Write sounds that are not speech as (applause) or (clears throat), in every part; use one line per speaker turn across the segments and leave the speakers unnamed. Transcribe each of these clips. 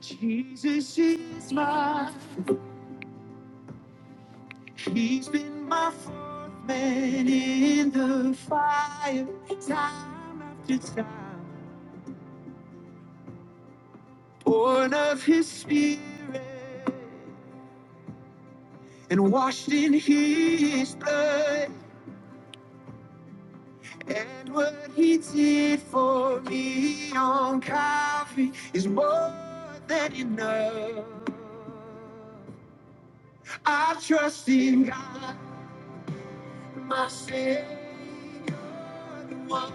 Jesus is my, he's been my fourth man in the fire, time after time. Born of his spirit and washed in his blood. And what he did for me on Calvary is more than enough. I trust in God. my Savior, the one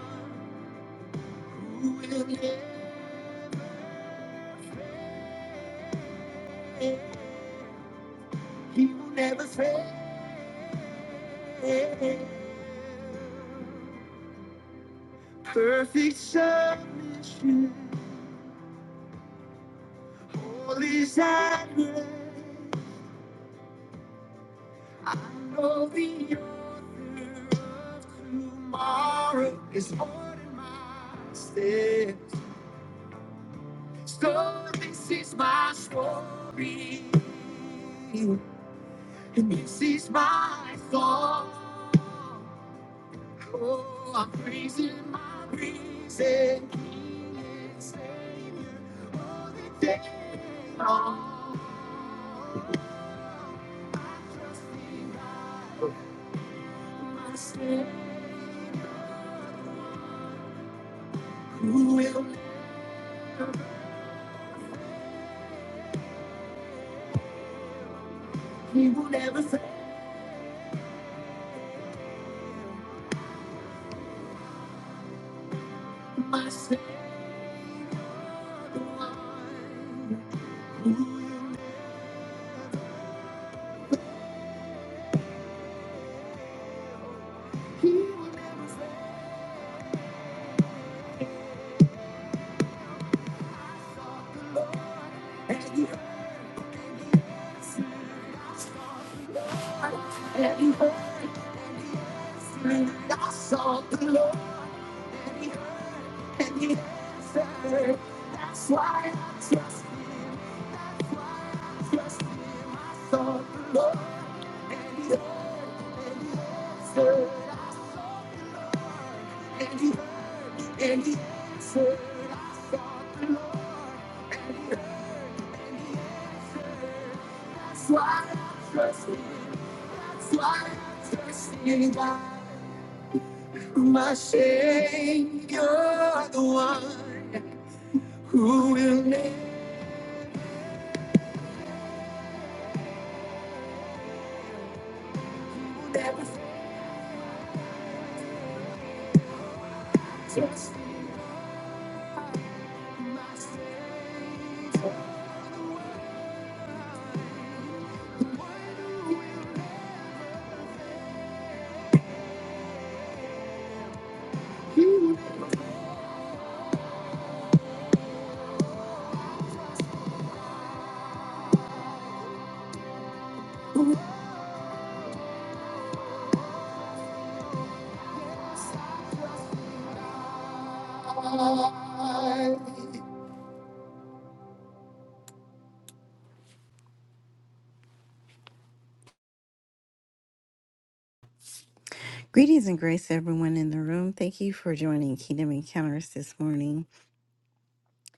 who will never, he will never fail. Perfect submission, holy silence. I know the author of tomorrow is more than my steps. So this is my story, and this is my song. Oh, I'm praising my risen King and Savior all the day long. I trust in God, my Savior, who will, He will never fail my Savior. the one. He will, and He heard, and He heard me. I saw the Lord, and He answered. That's why I trust Him, trust Him. I saw the Lord, and He heard. My Savior, you're the one who will never fail. Greetings and grace, to everyone in the room. Thank you for joining Kingdom Encounters this morning.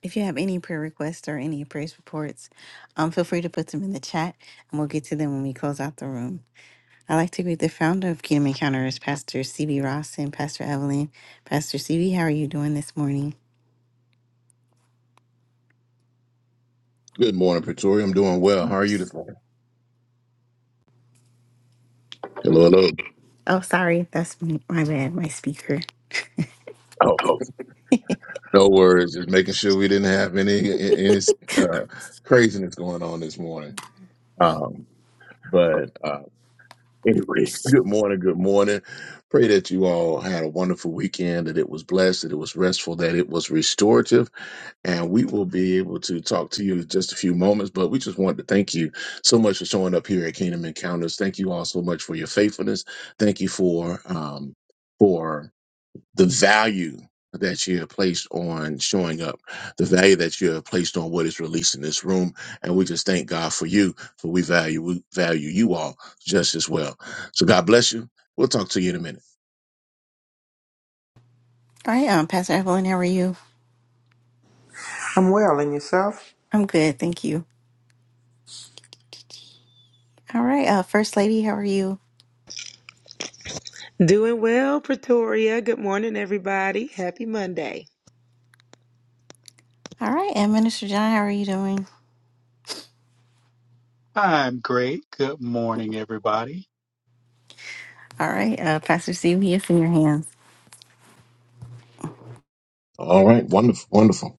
If you have any prayer requests or any praise reports, um, feel free to put them in the chat, and we'll get to them when we close out the room. I'd like to greet the founder of Kingdom Encounters, Pastor CB Ross and Pastor Evelyn. Pastor CB, how are you doing this morning?
Good morning, Pretoria. I'm doing well. How are you this
Oops.
morning? Hello, hello.
Oh, sorry. That's me. My bad. My speaker.
Oh, no worries. Just making sure we didn't have any any uh, craziness going on this morning. Um, but uh, anyway, (laughs) good morning. Good morning. Pray that you all had a wonderful weekend. That it was blessed. That it was restful. That it was restorative. And we will be able to talk to you in just a few moments. But we just want to thank you so much for showing up here at Kingdom Encounters. Thank you all so much for your faithfulness. Thank you for um, for the value that you have placed on showing up, the value that you have placed on what is released in this room. And we just thank God for you, for we value we value you all just as well. So God bless you. We'll talk to you in a minute.
All right. Um, Pastor Evelyn, how are you?
I'm well, and yourself?
I'm good. Thank you. All right. Uh, First Lady, how are you?
Doing well, Pretoria. Good morning, everybody. Happy Monday.
All right. And Minister John, how are you doing?
I'm great. Good morning, everybody.
All right. Uh, Pastor CB, it's in your hands.
All right. Wonderful. Wonderful.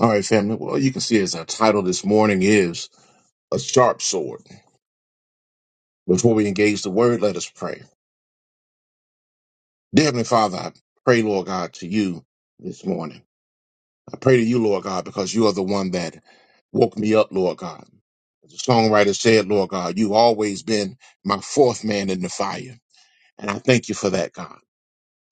All right, family. Well, you can see as our title this morning is A Sharp Sword. Before we engage the word, let us pray. Dear Heavenly Father, I pray, Lord God, to you this morning. I pray to you, Lord God, because you are the one that woke me up, Lord God. As the songwriter said, Lord God, you've always been my fourth man in the fire. And I thank you for that, God.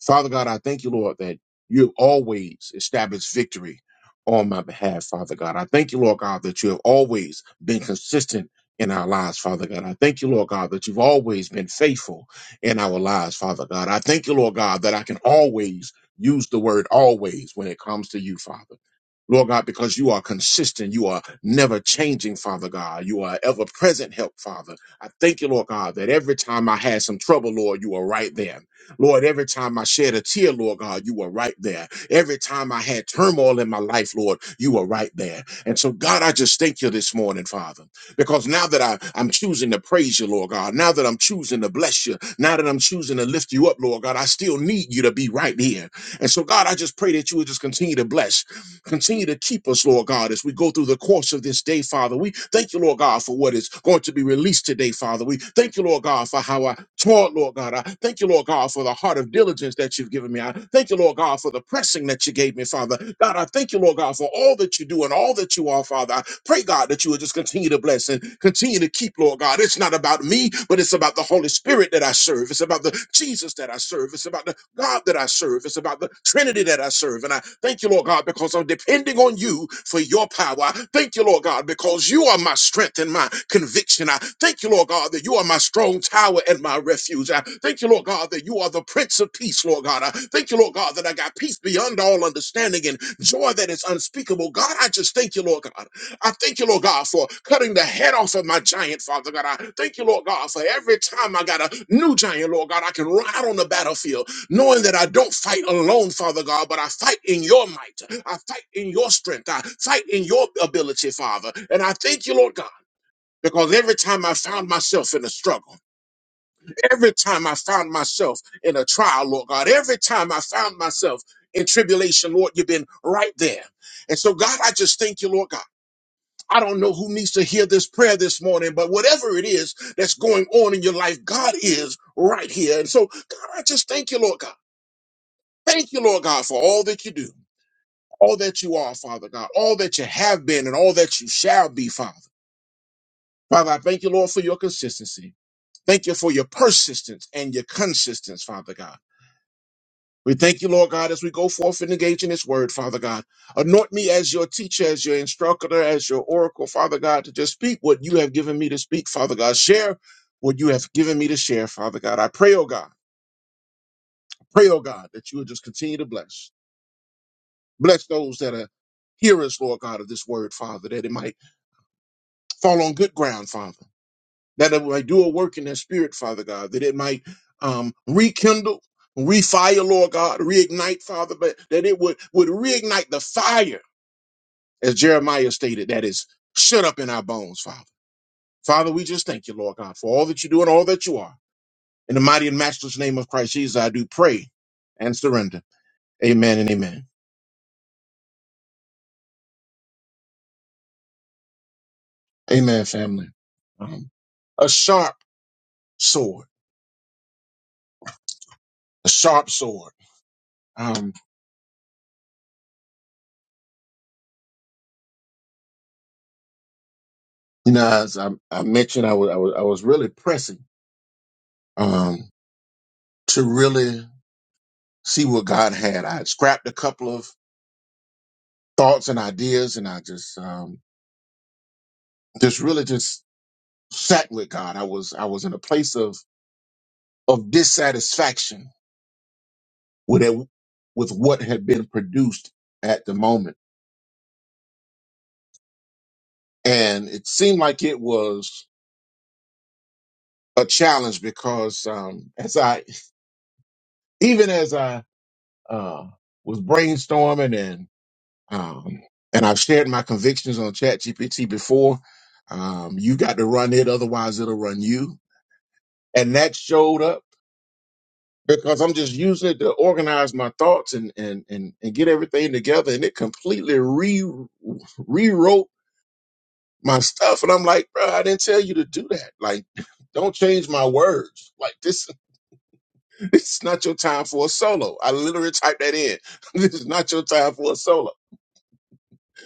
Father God, I thank you, Lord, that you have always established victory on my behalf, Father God. I thank you, Lord God, that you have always been consistent in our lives, Father God. I thank you, Lord God, that you've always been faithful in our lives, Father God. I thank you, Lord God, that I can always use the word always when it comes to you, Father. Lord God, because you are consistent, you are never changing, Father God. You are ever present help, Father. I thank you, Lord God, that every time I had some trouble, Lord, you are right there. Lord, every time I shed a tear, Lord God, you were right there. Every time I had turmoil in my life, Lord, you were right there. And so, God, I just thank you this morning, Father, because now that I, I'm choosing to praise you, Lord God, now that I'm choosing to bless you, now that I'm choosing to lift you up, Lord God, I still need you to be right here. And so, God, I just pray that you would just continue to bless. Continue to keep us, Lord God, as we go through the course of this day, Father. We thank you, Lord God, for what is going to be released today, Father. We thank you, Lord God, for how I taught, Lord God. I thank you, Lord God, for the heart of diligence that you've given me. I thank you, Lord God, for the pressing that you gave me, Father. God, I thank you, Lord God, for all that you do and all that you are, Father. I pray, God, that you would just continue to bless and continue to keep, Lord God. It's not about me, but it's about the Holy Spirit that I serve. It's about the Jesus that I serve. It's about the God that I serve. It's about the Trinity that I serve. And I thank you, Lord God, because I'm depending on you for your power. I thank you, Lord God, because you are my strength and my conviction. I thank you, Lord God, that you are my strong tower and my refuge. I thank you, Lord God, that you are the Prince of Peace, Lord God. I thank you, Lord God, that I got peace beyond all understanding and joy that is unspeakable. God, I just thank you, Lord God. I thank you, Lord God, for cutting the head off of my giant, Father God. I thank you, Lord God, for every time I got a new giant, Lord God, I can ride on the battlefield knowing that I don't fight alone, Father God, but I fight in your might. I fight in your strength. I fight in your ability, Father. And I thank you, Lord God. Because every time I found myself in a struggle, every time I found myself in a trial, Lord God, every time I found myself in tribulation, Lord, you've been right there. And so, God, I just thank you, Lord God. I don't know who needs to hear this prayer this morning, but whatever it is that's going on in your life, God is right here. And so, God, I just thank you, Lord God. Thank you, Lord God, for all that you do, all that you are, Father God, all that you have been and all that you shall be, Father. Father, I thank you, Lord, for your consistency. Thank you for your persistence and your consistence, Father God. We thank you, Lord God, as we go forth and engage in this word, Father God. Anoint me as your teacher, as your instructor, as your oracle, Father God, to just speak what you have given me to speak, Father God. Share what you have given me to share, Father God. I pray, oh God, I pray, oh God, that you would just continue to bless. Bless those that are hearers, Lord God, of this word, Father, that it might fall on good ground, Father, that it might do a work in their spirit, Father God, that it might um, rekindle, refire, Lord God, reignite, Father, but that it would, would reignite the fire, as Jeremiah stated, that is shut up in our bones, Father. Father, we just thank you, Lord God, for all that you do and all that you are. In the mighty and matchless name of Christ Jesus, I do pray and surrender. Amen and amen. Amen, family. Um, a sharp sword. a sharp sword. Um, you know, as I, I mentioned, I was, I was I was really pressing um, to really see what God had. I had scrapped a couple of thoughts and ideas, and I just um, just really just sat with God. I was I was in a place of of dissatisfaction with it, with what had been produced at the moment, and it seemed like it was a challenge because um, as I even as I uh, was brainstorming Um, and I've shared my convictions on ChatGPT before. Um, you got to run it, otherwise it'll run you. And that showed up because I'm just using it to organize my thoughts and and and, and get everything together. And it completely re rewrote my stuff. And I'm like, bro, I didn't tell you to do that. Like, (laughs) don't change my words. Like this, (laughs) this is not your time for a solo. I literally typed that in. (laughs) This is not your time for a solo.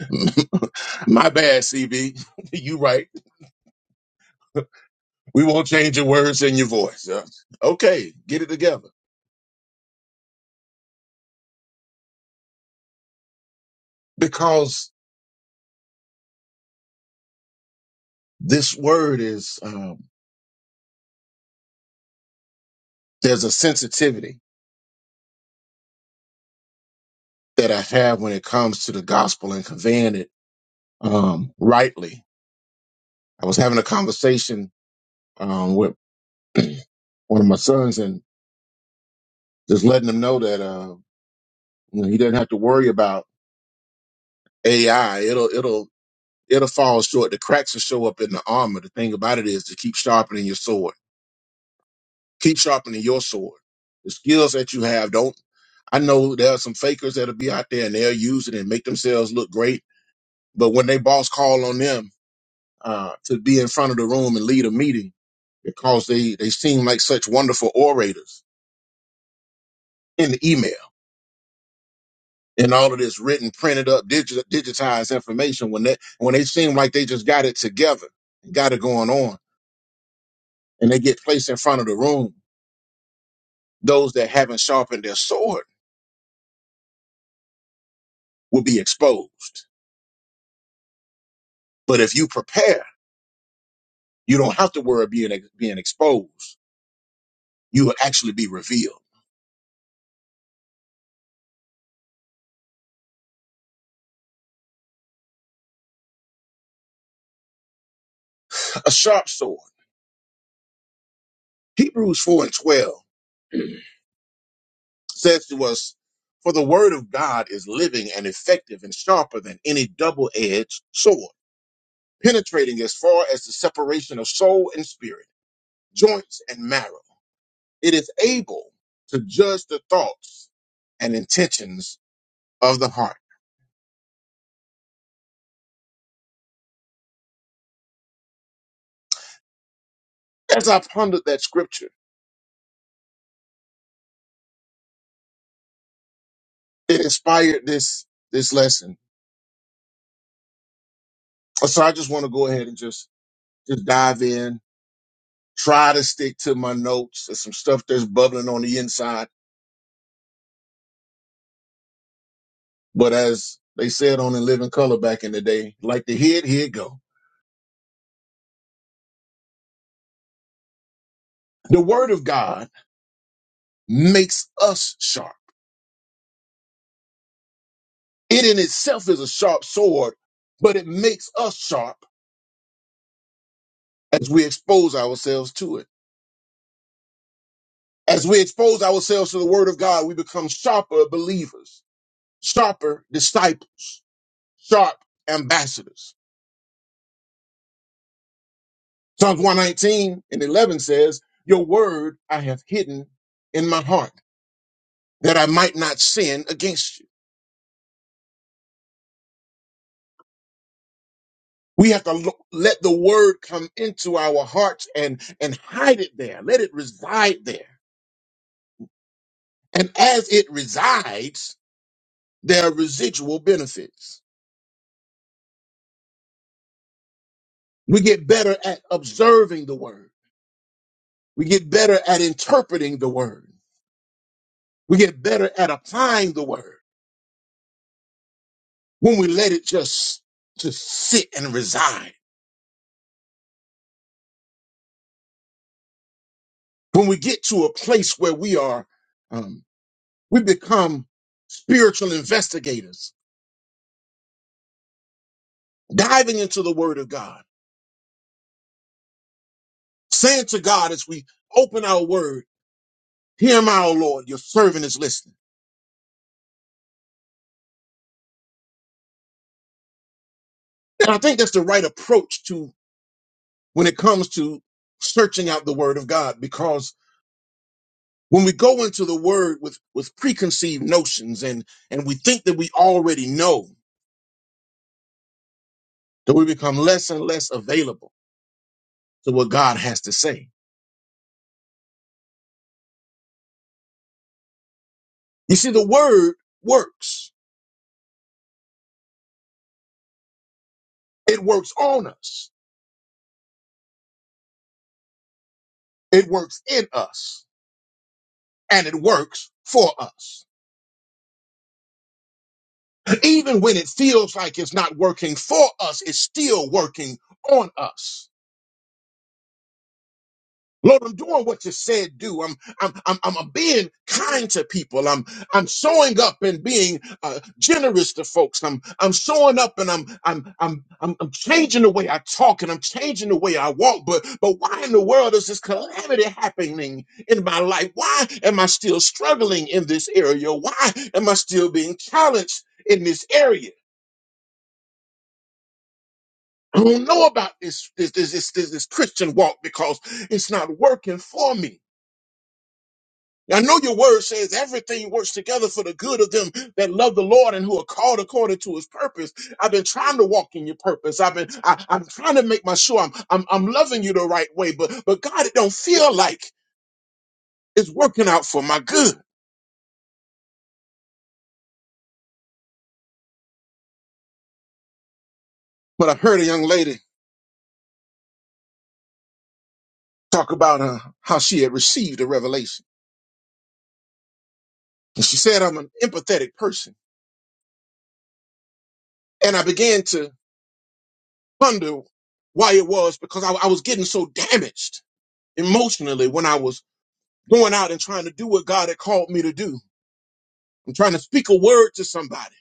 (laughs) my bad, CB. (laughs) you right We won't change your words and your voice. Uh, okay, get it together. Because this word is, um, there's a sensitivity that I have when it comes to the gospel and conveying it um, rightly. I was having a conversation um, with (clears throat) one of my sons and just letting him know that uh, you know, he doesn't have to worry about AI. It'll it'll it'll fall short. The cracks will show up in the armor. The thing about it is to keep sharpening your sword. Keep sharpening your sword. The skills that you have don't I know there are some fakers that'll be out there and they'll use it and make themselves look great. But when they boss call on them uh, to be in front of the room and lead a meeting, because they they seem like such wonderful orators in the email and all of this written, printed up, digi- digitized information, when they when they seem like they just got it together, and got it going on, and they get placed in front of the room, those that haven't sharpened their sword will be exposed. But if you prepare, you don't have to worry being being exposed you will actually be revealed. A sharp sword. Hebrews 4 and 12 says to us, For the word of God is living and effective and sharper than any double edged sword, penetrating as far as the separation of soul and spirit, joints and marrow. It is able to judge the thoughts and intentions of the heart. As I pondered that scripture, it inspired this this lesson. So I just want to go ahead and just just dive in try to stick to my notes. There's some stuff that's bubbling on the inside. But as they said on In Living Color back in the day, like the head, here it go. The word of God makes us sharp. It in itself is a sharp sword, but it makes us sharp as we expose ourselves to it. As we expose ourselves to the word of God, we become sharper believers, sharper disciples, sharp ambassadors. Psalms 119 and 11 says, Your word I have hidden in my heart that I might not sin against you. We have to lo- let the word come into our hearts and, and hide it there. Let it reside there. And as it resides, there are residual benefits. We get better at observing the word. We get better at interpreting the word. We get better at applying the word when we let it just, just sit and reside. When we get to a place where we are, um, we become spiritual investigators, diving into the word of God, saying to God as we open our word, Hear my O Lord, your servant is listening. And I think that's the right approach to when it comes to searching out the word of God, because when we go into the word with, with preconceived notions and, and we think that we already know, that we become less and less available to what God has to say. You see, the word works It works on us, it works in us, and it works for us. Even when it feels like it's not working for us, it's still working on us. Lord, I'm doing what you said do. I'm I'm I'm, I'm being kind to people. I'm I'm showing up and being uh, generous to folks. I'm I'm showing up and I'm I'm I'm I'm I'm changing the way I talk and I'm changing the way I walk. But but why in the world is this calamity happening in my life? Why am I still struggling in this area? Why am I still being challenged in this area? I don't know about this this this this, this, this Christian walk because it's not working for me. I know your word says everything works together for the good of them that love the Lord and who are called according to his purpose. I've been trying to walk in your purpose. I've been I, I'm trying to make my sure I'm, I'm I'm loving you the right way, but but God, it don't feel like it's working out for my good. But I heard a young lady talk about uh, how she had received a revelation. And she said, I'm an empathetic person. And I began to wonder why it was because I, I was getting so damaged emotionally when I was going out and trying to do what God had called me to do I'm trying to speak a word to somebody,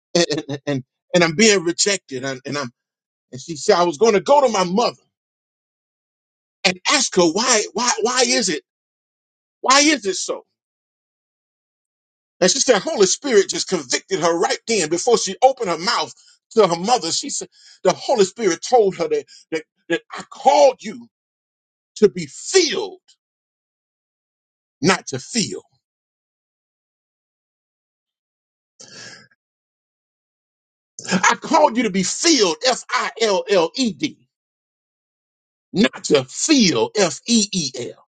(laughs) and and, and, and I'm being rejected. And, and I'm and she said I was going to go to my mother and ask her why why why is it why is it so? And she said Holy Spirit just convicted her right then before she opened her mouth to her mother. She said the Holy Spirit told her that that, that I called you to be filled, not to feel. I called you to be filled, F I L L E D, not to feel, F E E L.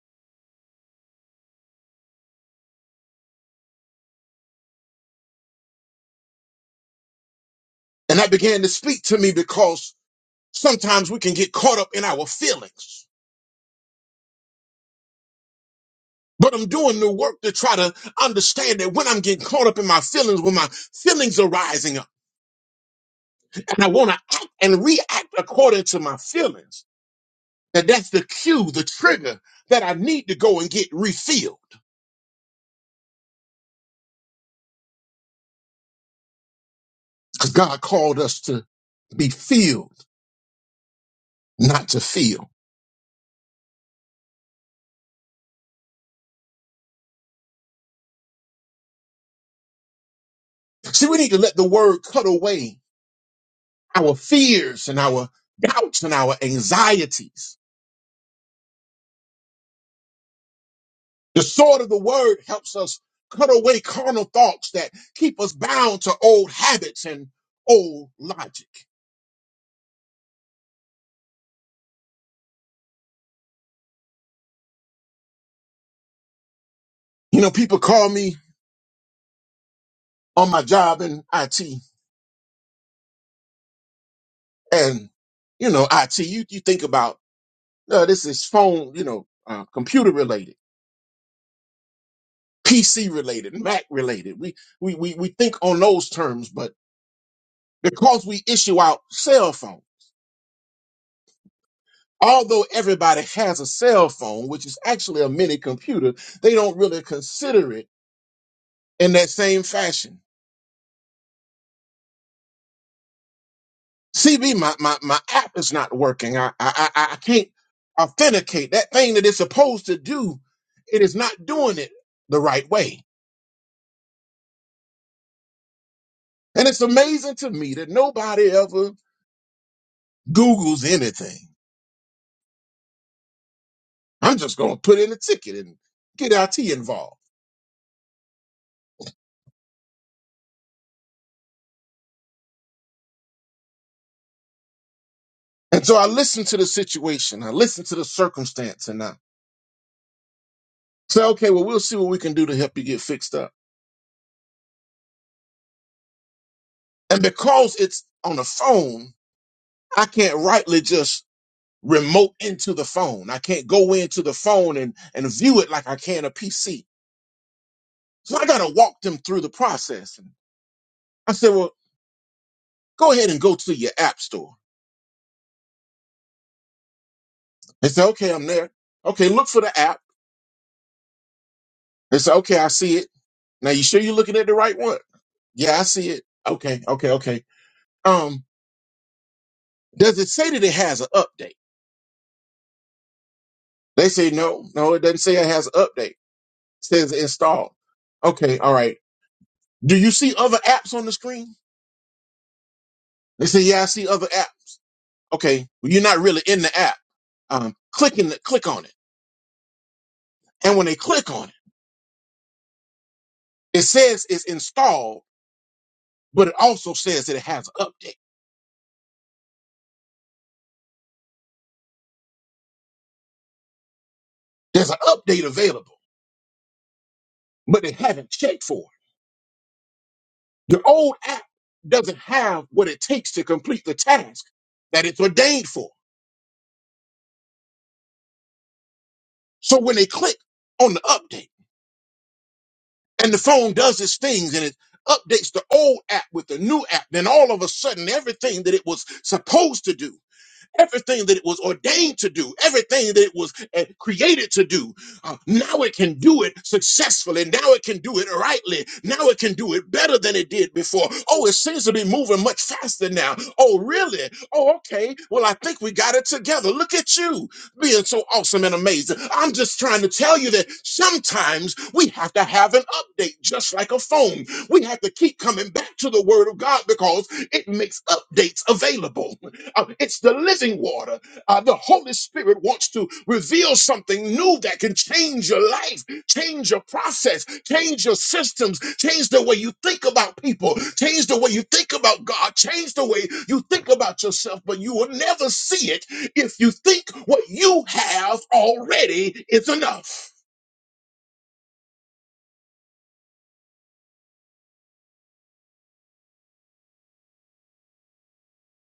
And that began to speak to me because Sometimes we can get caught up in our feelings. But I'm doing the work to try to understand that when I'm getting caught up in my feelings, when my feelings are rising up, and I want to act and react according to my feelings, that that's the cue, the trigger that I need to go and get refilled. Because God called us to be filled, not to feel. See, we need to let the word cut away our fears and our doubts and our anxieties The sword of the word helps us cut away carnal thoughts that keep us bound to old habits and old logic. You know, people call me on my job in IT, and you know, IT. You you think about uh, this is phone, you know, uh, computer related, PC related, Mac related. We we we we think on those terms, but because we issue out cell phone. Although everybody has a cell phone, which is actually a mini computer, they don't really consider it in that same fashion. CB, my, my, my app is not working. I, I, I, I can't authenticate that thing that it's supposed to do. It is not doing it the right way. And it's amazing to me that nobody ever Googles anything. I'm just going to put in a ticket and get IT involved. And so I listened to the situation. I listened to the circumstance and I said, okay, well, we'll see what we can do to help you get fixed up. And because it's on the phone, I can't rightly just remote into the phone. I can't go into the phone and, and view it like I can a PC. So I got to walk them through the process. And I said, well, go ahead and go to your app store. They said, okay, I'm there. Okay, look for the app. They said, okay, I see it. Now, you sure you're looking at the right one? Yeah, I see it. Okay, okay, okay. Um, does it say that it has an update? They say, no, no, it doesn't say it has an update. It says install. Okay, all right. Do you see other apps on the screen? They say, yeah, I see other apps. Okay, well, you're not really in the app. Um, clicking, click on it, and when they click on it, it says it's installed, but it also says that it has an update. There's an update available, but they haven't checked for it. Your old app doesn't have what it takes to complete the task that it's ordained for. So when they click on the update, and the phone does its things, and it updates the old app with the new app, then all of a sudden everything that it was supposed to do Everything that it was ordained to do, everything that it was uh, created to do, uh, now it can do it successfully. Now it can do it rightly. Now it can do it better than it did before. Oh, it seems to be moving much faster now. Oh, really? Oh, okay. Well, I think we got it together. Look at you being so awesome and amazing. I'm just trying to tell you that sometimes we have to have an update, just like a phone. We have to keep coming back to the Word of God because it makes updates available. Uh, It's the living water. Uh, the Holy Spirit wants to reveal something new that can change your life, change your process, change your systems, change the way you think about people, change the way you think about God, change the way you think about yourself. But you will never see it if you think what you have already is enough.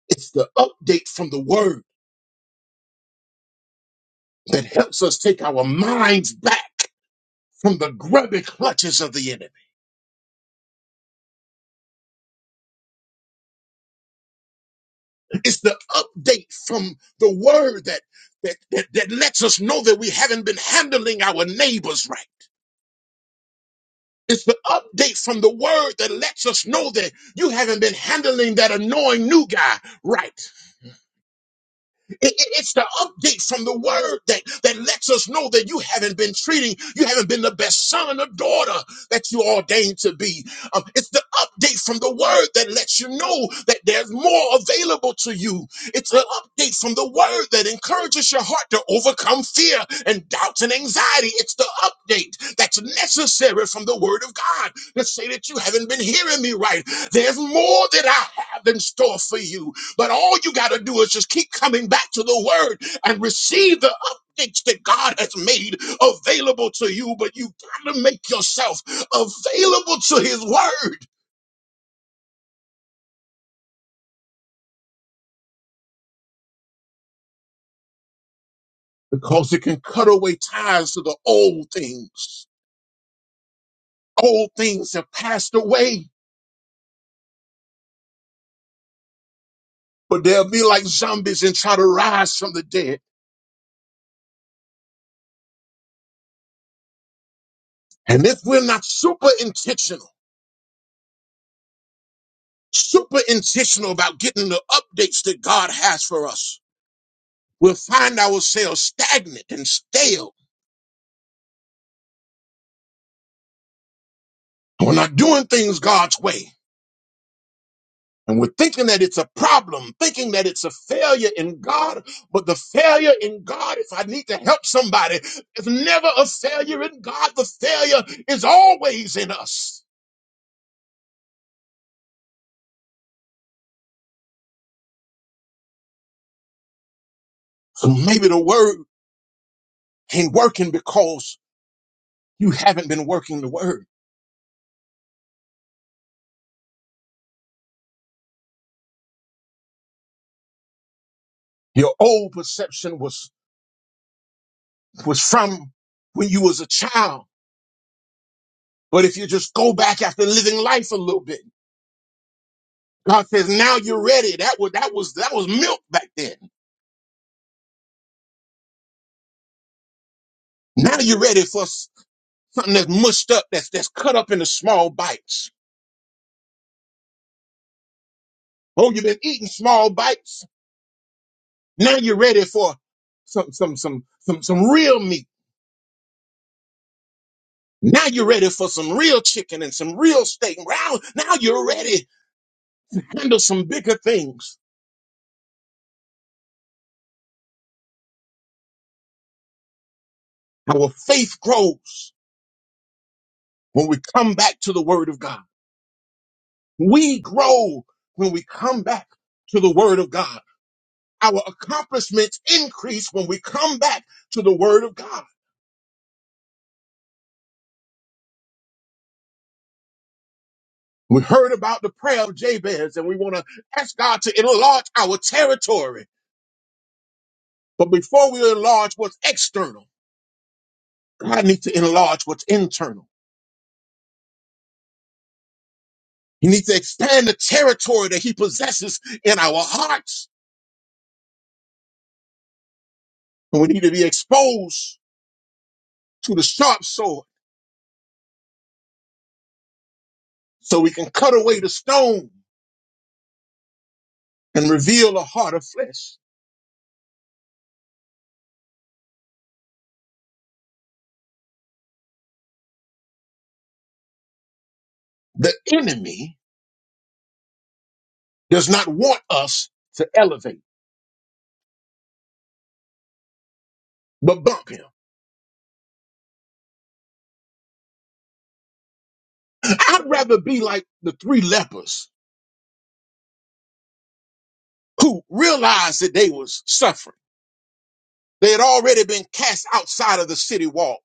It's the update from the Word that helps us take our minds back from the grubby clutches of the enemy It's the update from the word that, that, that, that lets us know that we haven't been handling our neighbors right. It's the update from the word that lets us know that you haven't been handling that annoying new guy right. It- it- it's the update from the word that, that lets us know that you haven't been treating, you haven't been the best son or daughter that you ordained to be. Um, it's the update from the word that lets you know that there's more available to you. It's an update from the word that encourages your heart to overcome fear and doubts and anxiety. It's the update that's necessary from the word of God to say that you haven't been hearing me right. There's more that I have in store for you. But all you got to do is just keep coming back to the word and receive the updates that God has made available to you. But you got to make yourself available to his word because it can cut away ties to the old things. Old things have passed away, but they'll be like zombies and try to rise from the dead. And if we're not super intentional, super intentional about getting the updates that God has for us, we'll find ourselves stagnant and stale We're not doing things God's way. And we're thinking that it's a problem, thinking that it's a failure in God. But the failure in God, if I need to help somebody, is never a failure in God. The failure is always in us. So maybe the word ain't working because you haven't been working the word. Your old perception was, was from when you was a child. But if you just go back after living life a little bit, God says, now you're ready. That was, that was, that was milk back then. Now you're ready for s- something that's mushed up, that's that's cut up into small bites. Oh, you've been eating small bites. Now you're ready for some some some some some real meat. Now you're ready for some real chicken and some real steak. Now, now you're ready to handle some bigger things. Our faith grows when we come back to the word of God. We grow when we come back to the word of God. Our accomplishments increase when we come back to the word of God. We heard about the prayer of Jabez and we want to ask God to enlarge our territory. But before we enlarge what's external, God needs to enlarge what's internal. He needs to expand the territory that he possesses in our hearts. And we need to be exposed to the sharp sword so we can cut away the stone and reveal a heart of flesh. The enemy does not want us to elevate, but bump him. I'd rather be like the three lepers who realized that they was suffering. They had already been cast outside of the city wall.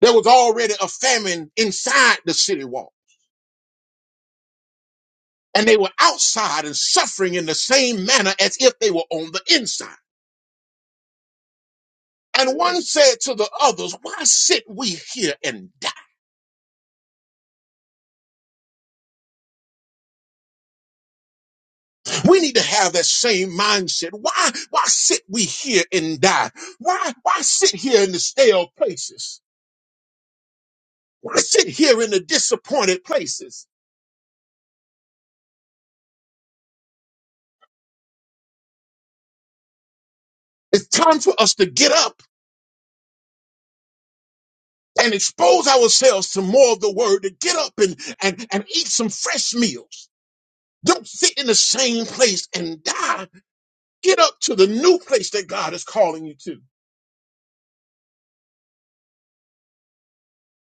There was already a famine inside the city wall. And they were outside and suffering in the same manner as if they were on the inside. And one said to the others, why sit we here and die? We need to have that same mindset. Why, why sit we here and die? Why, why sit here in the stale places? Why sit here in the disappointed places? It's time for us to get up and expose ourselves to more of the word to get up and, and, and eat some fresh meals. Don't sit in the same place and die. Get up to the new place that God is calling you to.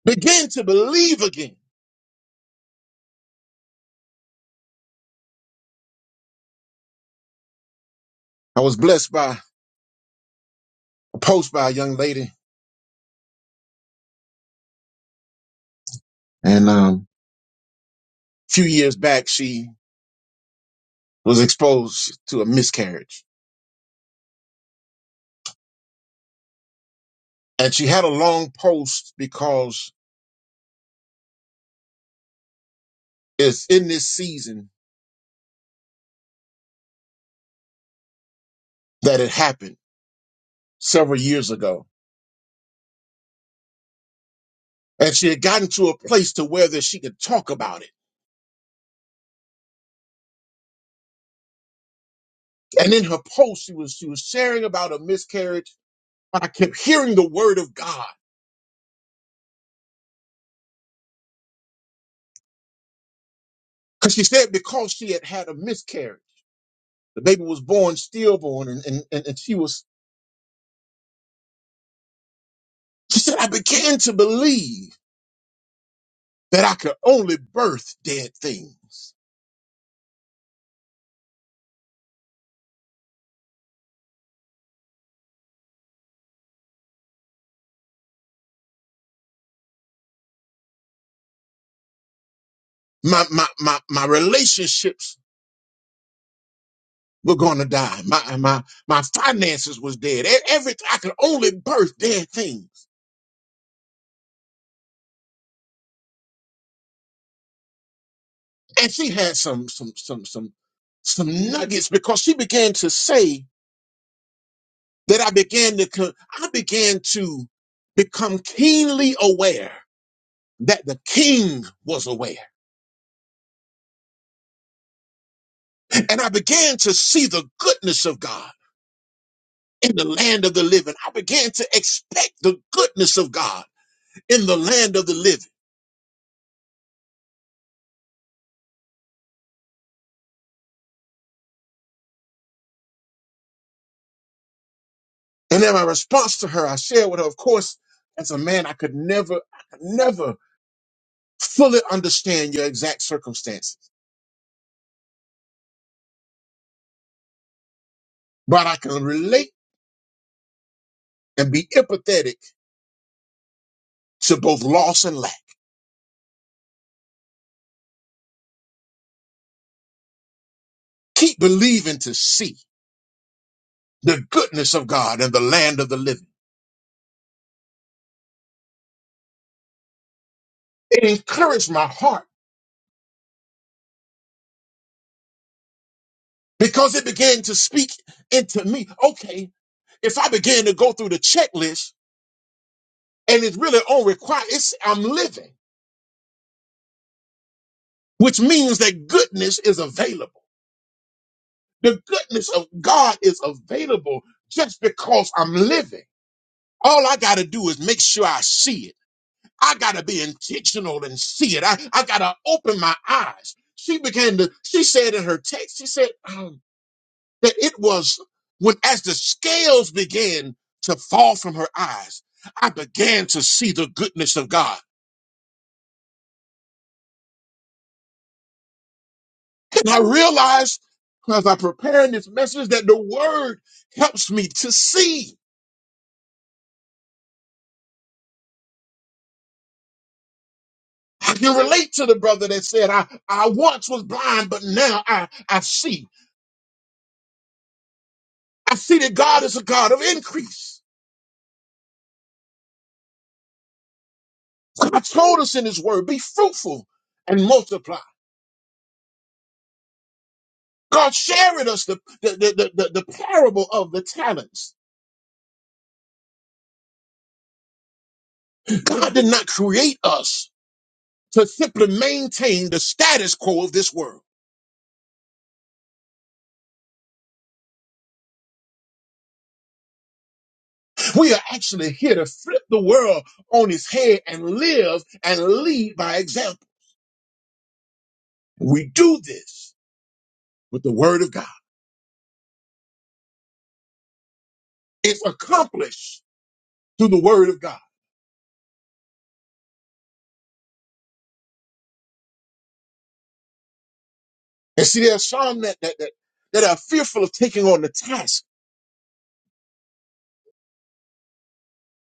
Begin to believe again. I was blessed by a post by a young lady, and um, a few years back, she was exposed to a miscarriage. And she had a long post because it's in this season that it happened several years ago. And she had gotten to a place to where that she could talk about it And in her post, she was she was sharing about a miscarriage, but I kept hearing the word of God because she said because she had had a miscarriage, the baby was born stillborn, and and and, and she was she said I began to believe that I could only birth dead things. My my my my relationships were gonna die. My my my finances was dead. E- Every I could only birth dead things. And she had some some some some some nuggets because she began to say that I began to co- I began to become keenly aware that the king was aware. And I began to see the goodness of God in the land of the living. I began to expect the goodness of God in the land of the living. And then my response to her, I shared with her, of course, as a man, I could never, I could never fully understand your exact circumstances, but I can relate and be empathetic to both loss and lack. Keep believing to see the goodness of God and the land of the living. It encouraged my heart because it began to speak into me. Okay, if I began to go through the checklist and it's really on require, it's I'm living, which means that goodness is available. The goodness of God is available just because I'm living. All I got to do is make sure I see it. I got to be intentional and see it. I, I got to open my eyes. She began to, she said in her text, she said, um, that it was when as the scales began to fall from her eyes, I began to see the goodness of God. And I realized as I preparing this message that the word helps me to see. I can relate to the brother that said, I, I once was blind, but now I, I see. I see that God is a God of increase. God told us in his word, be fruitful and multiply. God shared with us the, the, the, the, the the parable of the talents God did not create us to simply maintain the status quo of this world. We are actually here to flip the world on its head and live and lead by example. We do this with the word of God. It's accomplished through the word of God. And see, there are some that, that, that, that are fearful of taking on the task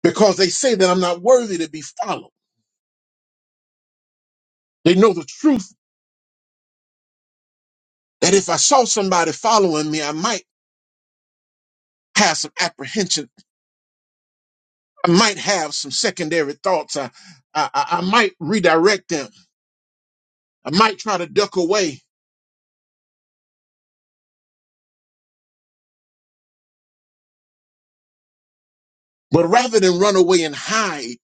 because they say that I'm not worthy to be followed. They know the truth that if I saw somebody following me, I might have some apprehension I might have some secondary thoughts. I, I, I I might redirect them. I might try to duck away. But rather than run away and hide,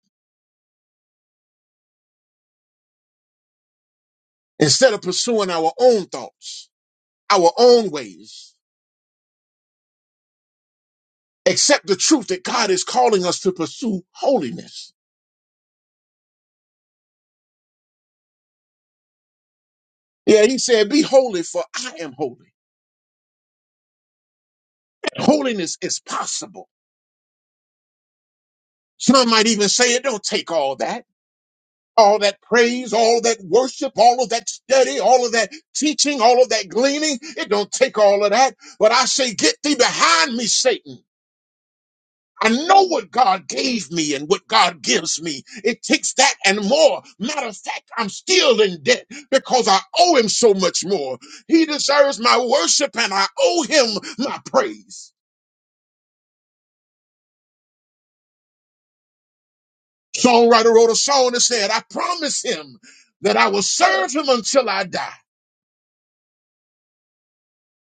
instead of pursuing our own thoughts, our own ways, accept the truth that God is calling us to pursue holiness. Yeah, he said, be holy for I am holy. Holiness is possible. Some might even say it don't take all that. all that praise, all that worship, all of that study, all of that teaching, all of that gleaning. It don't take all of that. But I say, get thee behind me, Satan. I know what God gave me and what God gives me. It takes that and more. Matter of fact, I'm still in debt because I owe him so much more. He deserves my worship and I owe him my praise. Songwriter wrote a song that said, I promise him that I will serve him until I die.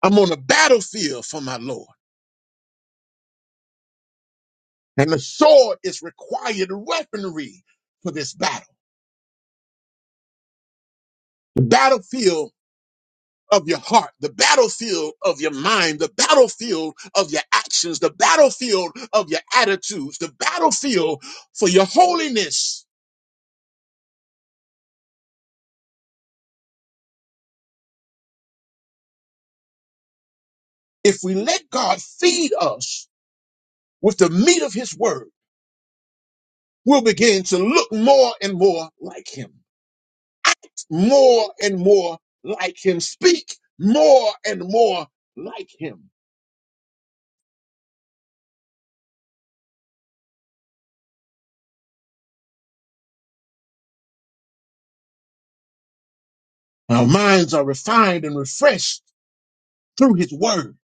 I'm on the battlefield for my Lord. And the sword is required weaponry for this battle. The battlefield of your heart, the battlefield of your mind, the battlefield of your actions, the battlefield of your attitudes, the battlefield for your holiness. If we let God feed us with the meat of his word, we'll begin to look more and more like him, act more and more like him, speak more and more like him. Our minds are refined and refreshed through his word.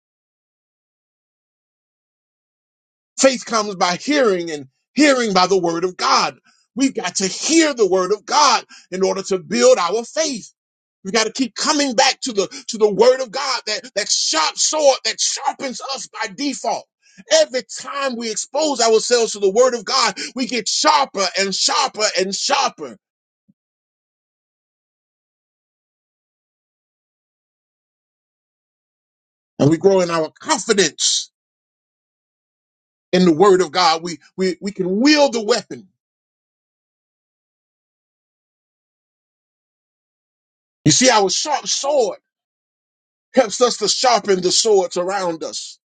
Faith comes by hearing and hearing by the word of God. We've got to hear the word of God in order to build our faith. We've got to keep coming back to the to the word of God, that, that sharp sword that sharpens us by default. Every time we expose ourselves to the word of God, we get sharper and sharper and sharper. And we grow in our confidence in the word of God. We we we can wield the weapon. You see, our sharp sword helps us to sharpen the swords around us.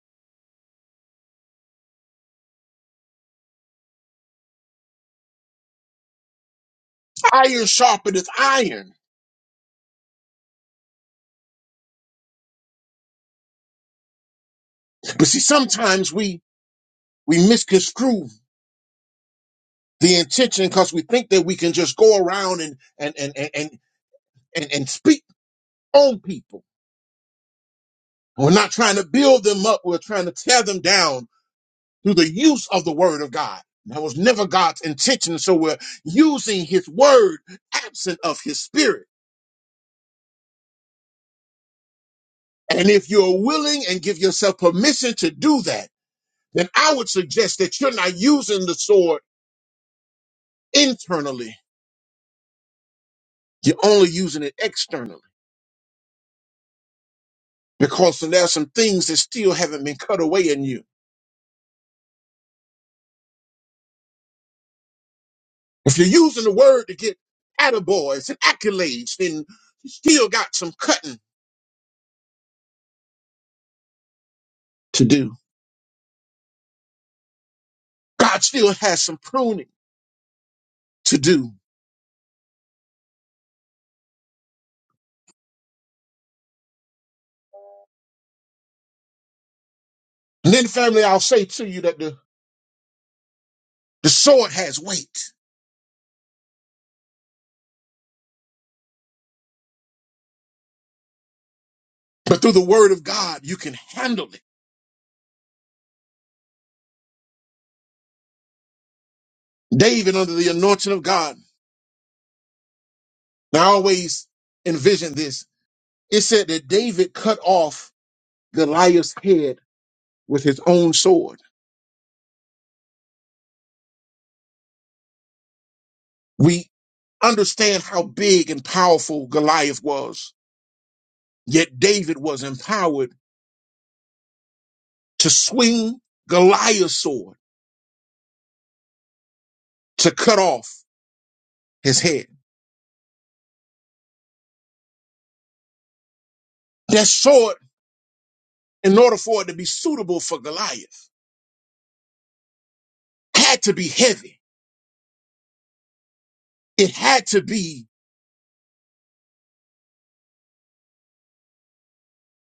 Iron sharpeneth iron. But see, sometimes we we misconstrue the intention because we think that we can just go around and and and and and, and, and speak on people. We're not trying to build them up. We're trying to tear them down through the use of the word of God. That was never God's intention. So we're using his word absent of his spirit. And if you're willing and give yourself permission to do that, then I would suggest that you're not using the sword internally. You're only using it externally because there are some things that still haven't been cut away in you. If you're using the word to get attaboys and accolades, then you still got some cutting to do. God still has some pruning to do. And then, family, I'll say to you that the, the sword has weight, but through the word of God, you can handle it. David, under the anointing of God, and I always envision this It said that David cut off Goliath's head with his own sword. We understand how big and powerful Goliath was, yet David was empowered to swing Goliath's sword to cut off his head. That sword, in order for it to be suitable for Goliath, had to be heavy. It had to be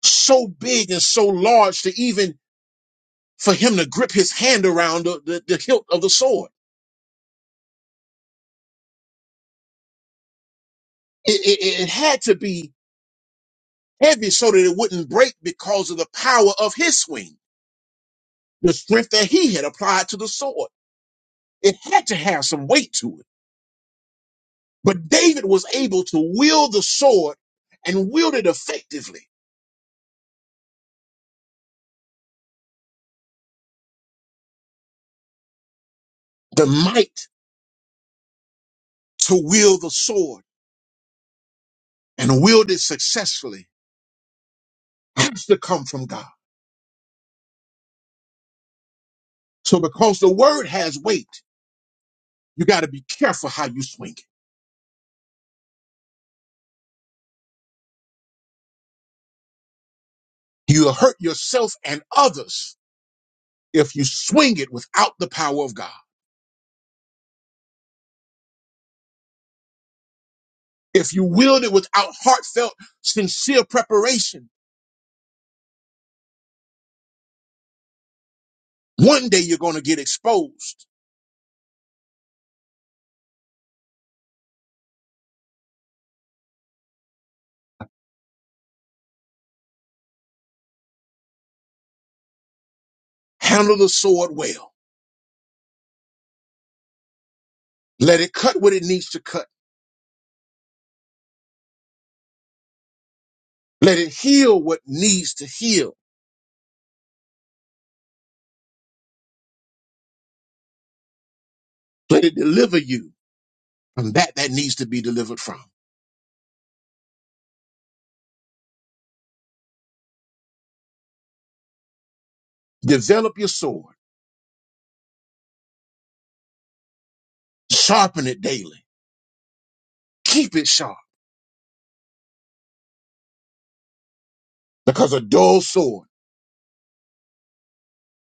so big and so large to even for him to grip his hand around the, the, the hilt of the sword. It, it, it had to be heavy so that it wouldn't break because of the power of his swing, the strength that he had applied to the sword. It had to have some weight to it. But David was able to wield the sword and wield it effectively. The might to wield the sword and wield it successfully has to come from God. So because the word has weight, you got to be careful how you swing it. You'll hurt yourself and others if you swing it without the power of God. If you wield it without heartfelt, sincere preparation, one day you're going to get exposed. Handle the sword well. Let it cut what it needs to cut. Let it heal what needs to heal. Let it deliver you from that that needs to be delivered from. Develop your sword. Sharpen it daily. Keep it sharp because a dull sword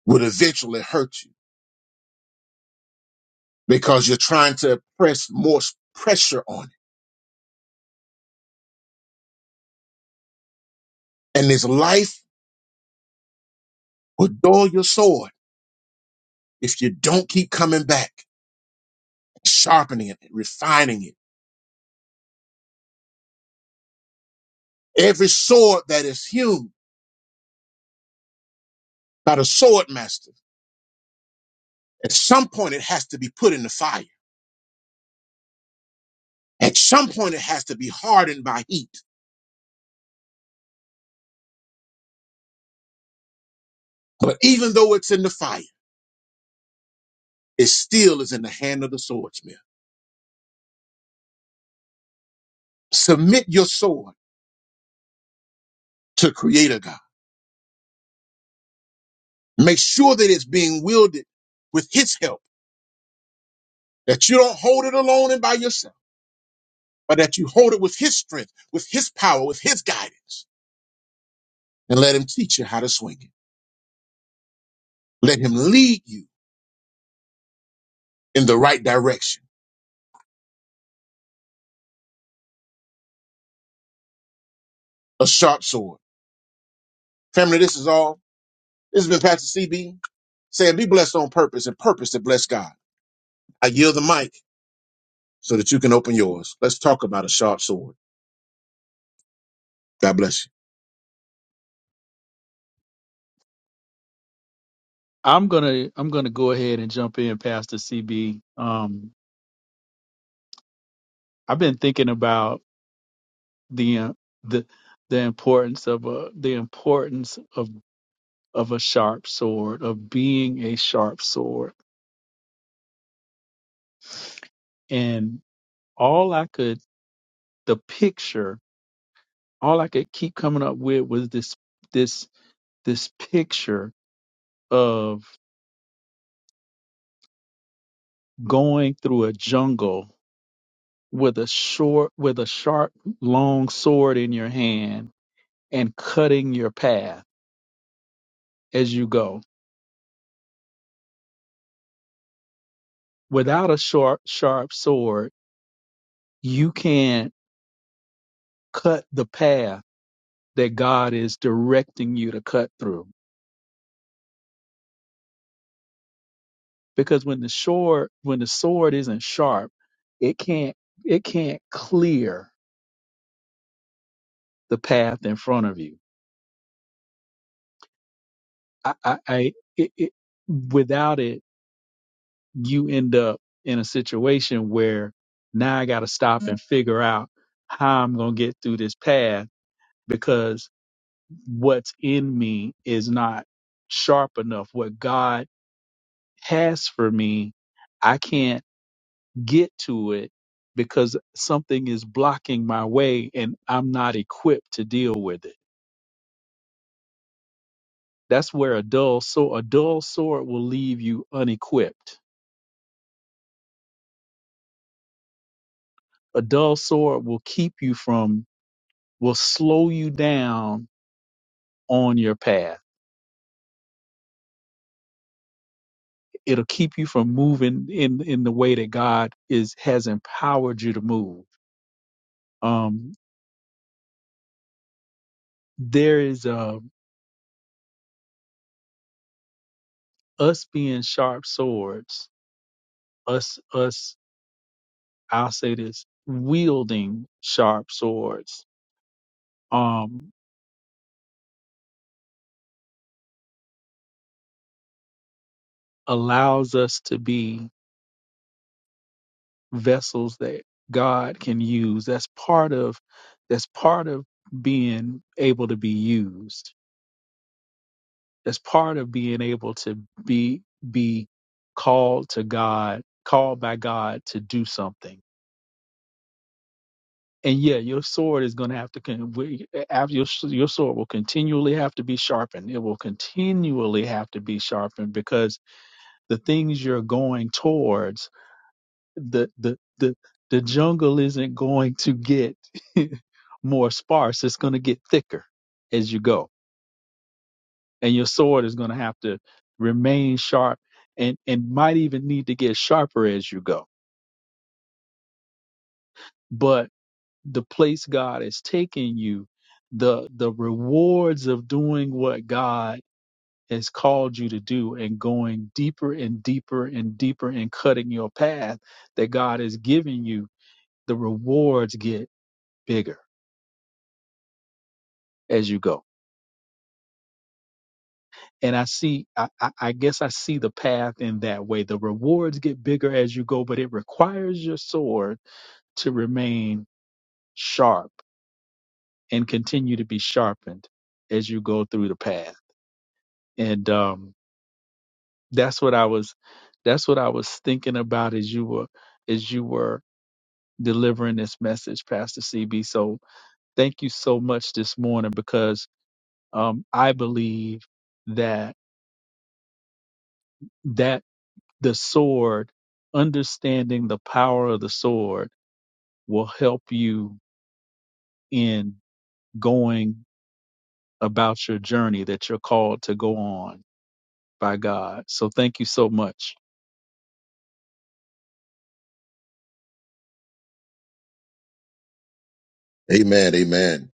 will eventually hurt you because you're trying to press more s- pressure on it. And this life will dull your sword if you don't keep coming back sharpening it, refining it. Every sword that is hewn by the sword master, at some point it has to be put in the fire. At some point it has to be hardened by heat. But even though it's in the fire, it still is in the hand of the swordsmith. Submit your sword to Creator God. Make sure that it's being wielded with His help, that you don't hold it alone and by yourself, but that you hold it with His strength, with His power, with His guidance, and let Him teach you how to swing it. Let Him lead you in the right direction a sharp sword. Family, this is all. This has been Pastor CB saying, Be blessed on purpose and purpose to bless God. I yield the mic so that you can open yours. Let's talk about a sharp sword. God bless
I'm gonna I'm gonna go ahead and jump in, Pastor CB. Um, I've been thinking about the uh, the the importance of a the importance of of a sharp sword, of being a sharp sword, and all I could the picture, all I could keep coming up with was this this this picture of going through a jungle with a short with a sharp long sword in your hand and cutting your path as you go without a sharp sharp sword you can't cut the path that god is directing you to cut through because when the sword when the sword isn't sharp it can't it can't clear the path in front of you i i, I it, it, without it you end up in a situation where now I got to stop and figure out how I'm going to get through this path because what's in me is not sharp enough. What God has for me, I can't get to it because something is blocking my way and I'm not equipped to deal with it. That's where a dull sword, a dull sword will leave you unequipped. A dull sword will keep you from, will slow you down on your path. It'll keep you from moving in in the way that God is has empowered you to move. Um, there is uh, us being sharp swords. Us us I'll say this wielding sharp swords um, allows us to be vessels that God can use. That's part of that's part of being able to be used That's part of being able to be be called to God, called by God to do something. And yeah, your sword is going to have to con- we- after your s- your sword will continually have to be sharpened. It will continually have to be sharpened because the things you're going towards, the the the the jungle isn't going to get (laughs) more sparse. It's going to get thicker as you go and your sword is going to have to remain sharp and and might even need to get sharper as you go but the place god has taken you the the rewards of doing what god has called you to do and going deeper and deeper and deeper and cutting your path that god has given you the rewards get bigger as you go and i see I, I I guess i see the path in that way the rewards get bigger as you go but it requires your sword to remain sharp and continue to be sharpened as you go through the path. And um, that's what I was that's what I was thinking about as you were as you were delivering this message, Pastor CB. So thank you so much this morning because um, I believe that that the sword, understanding the power of the sword, will help you in going about your journey that you're called to go on by God. So thank you so much.
Amen, amen.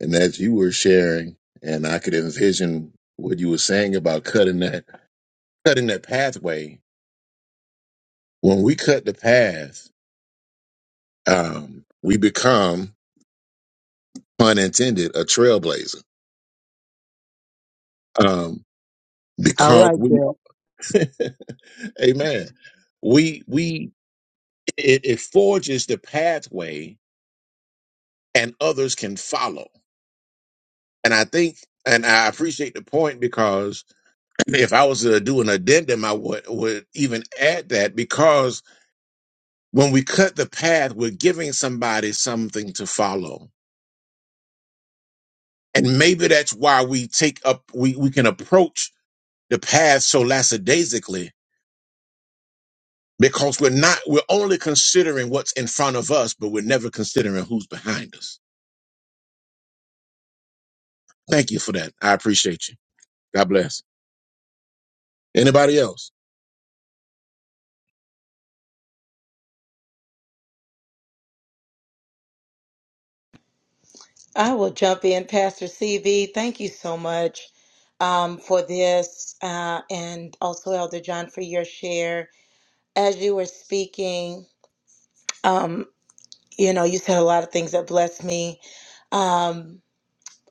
And as you were sharing, and I could envision what you were saying about cutting that cutting that pathway. When we cut the path, um, we become, pun intended, a trailblazer. Um,
I
because
like
we,
that.
(laughs) Amen. We we it, it forges the pathway and others can follow. And I think, and I appreciate the point because if I was to do an addendum, I would, would even add that because when we cut the path, we're giving somebody something to follow. And maybe that's why we take up, we, we can approach the path so lackadaisically because we're not, we're only considering what's in front of us, but we're never considering who's behind us. Thank you for that. I appreciate you. God bless. Anybody else?
I will jump in, Pastor CV. Thank you so much um, for this, uh, and also Elder John for your share. As you were speaking, um, you know, you said a lot of things that blessed me. Um,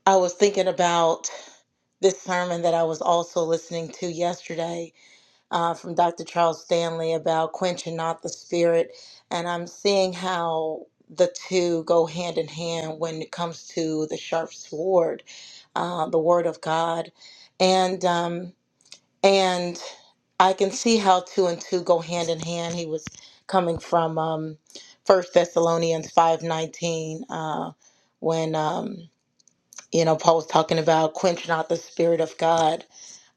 I was thinking about this sermon that I was also listening to yesterday, uh, from Dr. Charles Stanley about quenching not the spirit. And I'm seeing how the two go hand in hand when it comes to the sharp sword, uh, the word of God. And, um, and I can see how two and two go hand in hand. He was coming from um, 1 Thessalonians 5.19 uh, when, um, you know, Paul's talking about quench not the spirit of God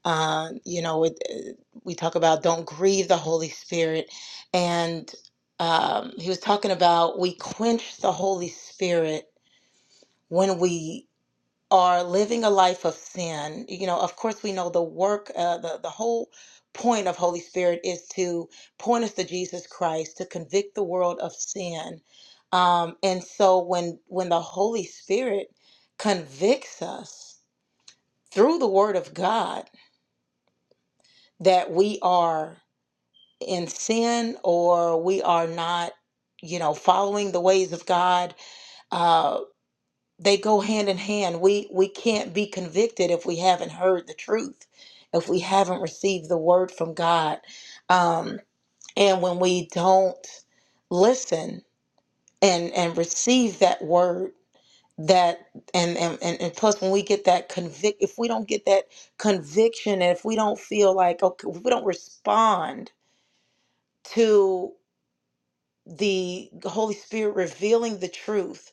uh, you know, it, uh, we talk about don't grieve the Holy Spirit. And um, he was talking about we quench the Holy Spirit when we are living a life of sin. You know, of course, we know the work, uh, the, the whole point of Holy Spirit is to point us to Jesus Christ, to convict the world of sin. Um, and so when when the Holy Spirit convicts us through the Word of God that we are in sin or we are not you know following the ways of god uh they go hand in hand we we can't be convicted if we haven't heard the truth if we haven't received the word from god um and when we don't listen and and receive that word that and and and, and plus when we get that convict if we don't get that conviction and if we don't feel like okay if we don't respond to. the Holy Spirit revealing the truth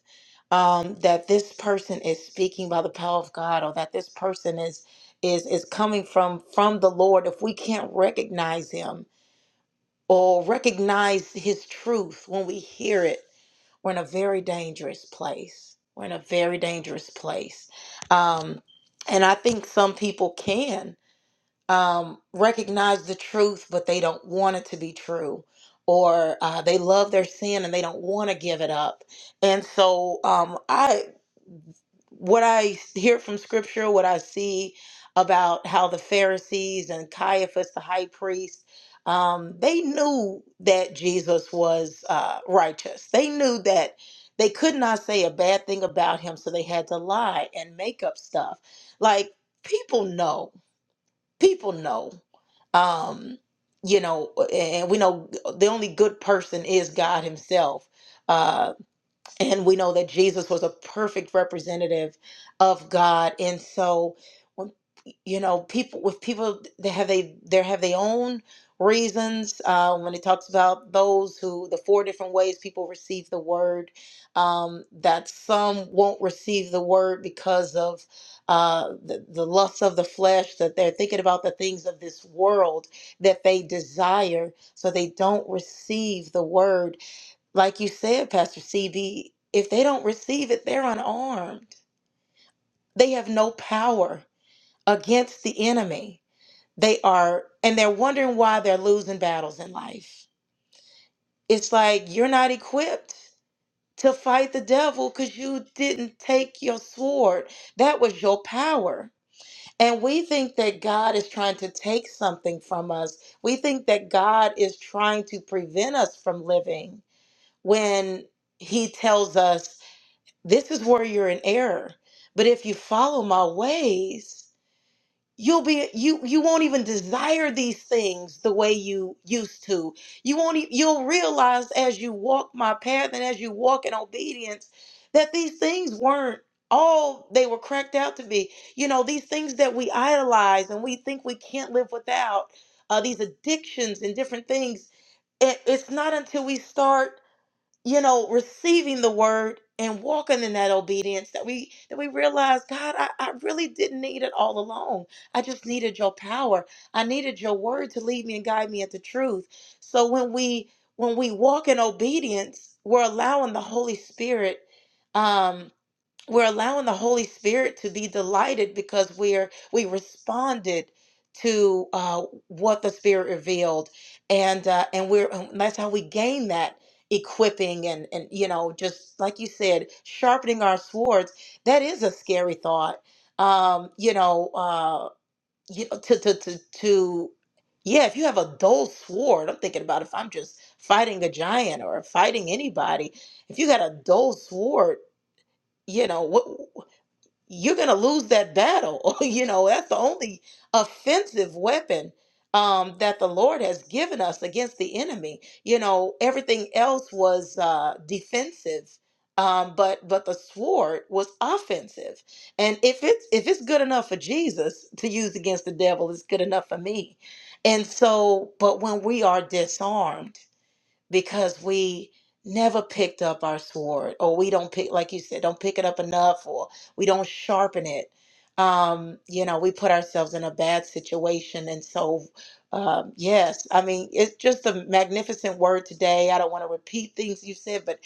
um, that this person is speaking by the power of God or that this person is is is coming from from the Lord if we can't recognize him or recognize his truth when we hear it we're in a very dangerous place we're in a very dangerous place um, and I think some people can um, recognize the truth, but they don't want it to be true, or uh, they love their sin and they don't want to give it up. And so, um, I what I hear from Scripture, what I see about how the Pharisees and Caiaphas, the high priest, um, they knew that Jesus was uh, righteous. They knew that they could not say a bad thing about him, so they had to lie and make up stuff. Like people know people know um you know and we know the only good person is god himself uh, and we know that Jesus was a perfect representative of God. And so when you know, people with people they have they there have their own reasons. Uh, when it talks about those who the four different ways people receive the word, um, that some won't receive the word because of uh, the, the lusts of the flesh, that they're thinking about the things of this world that they desire, so they don't receive the word like you said, Pastor CB, if they don't receive it, they're unarmed. They have no power against the enemy. They are, and they're wondering why they're losing battles in life. It's like you're not equipped to fight the devil because you didn't take your sword. That was your power. And we think that God is trying to take something from us. We think that God is trying to prevent us from living when He tells us this is where you're in error but if you follow my ways you'll be you you won't even desire these things the way you used to you won't e- you'll realize as you walk my path and as you walk in obedience that these things weren't all they were cracked out to be you know these things that we idolize and we think we can't live without uh, these addictions and different things it, it's not until we start you know receiving the word and walking in that obedience that we that we realize god I, I really didn't need it all along i just needed your power i needed your word to lead me and guide me into truth so when we when we walk in obedience we're allowing the holy spirit um, we're allowing the holy spirit to be delighted because we're we responded to uh, what the spirit revealed and uh, and we're and that's how we gain that equipping and and you know just like you said sharpening our swords that is a scary thought um you know uh you know, to to to to yeah if you have a dull sword i'm thinking about if i'm just fighting a giant or fighting anybody if you got a dull sword you know what you're going to lose that battle. (laughs) you know, that's the only offensive weapon um, that the Lord has given us against the enemy. You know, everything else was uh, defensive. Um, but but the sword was offensive, and if it's if it's good enough for Jesus to use against the devil, it's good enough for me. And so, but when we are disarmed, because we never picked up our sword or we don't pick like you said don't pick it up enough or we don't sharpen it um you know we put ourselves in a bad situation and so um yes i mean it's just a magnificent word today i don't want to repeat things you said but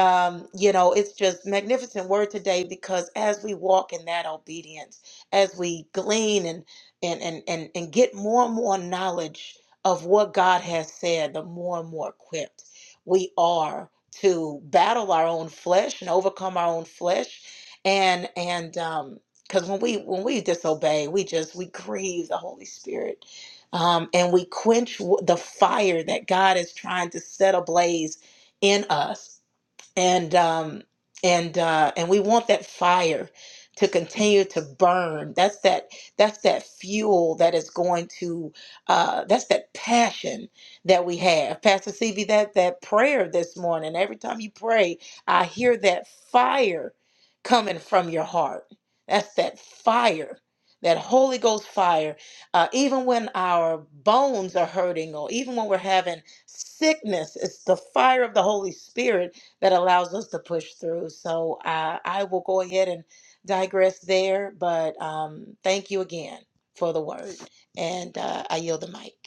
um you know it's just magnificent word today because as we walk in that obedience as we glean and and and and, and get more and more knowledge of what God has said, the more and more equipped we are to battle our own flesh and overcome our own flesh. And and um because when we when we disobey, we just we grieve the Holy Spirit. Um, and we quench w- the fire that God is trying to set ablaze in us and um and uh and we want that fire to continue to burn that's that that's that fuel that is going to uh that's that passion that we have pastor cv that that prayer this morning every time you pray i hear that fire coming from your heart that's that fire that holy ghost fire uh, even when our bones are hurting or even when we're having sickness it's the fire of the holy spirit that allows us to push through. So uh, I will go ahead and digress there, but um, thank you again for the word. And uh, I yield the mic.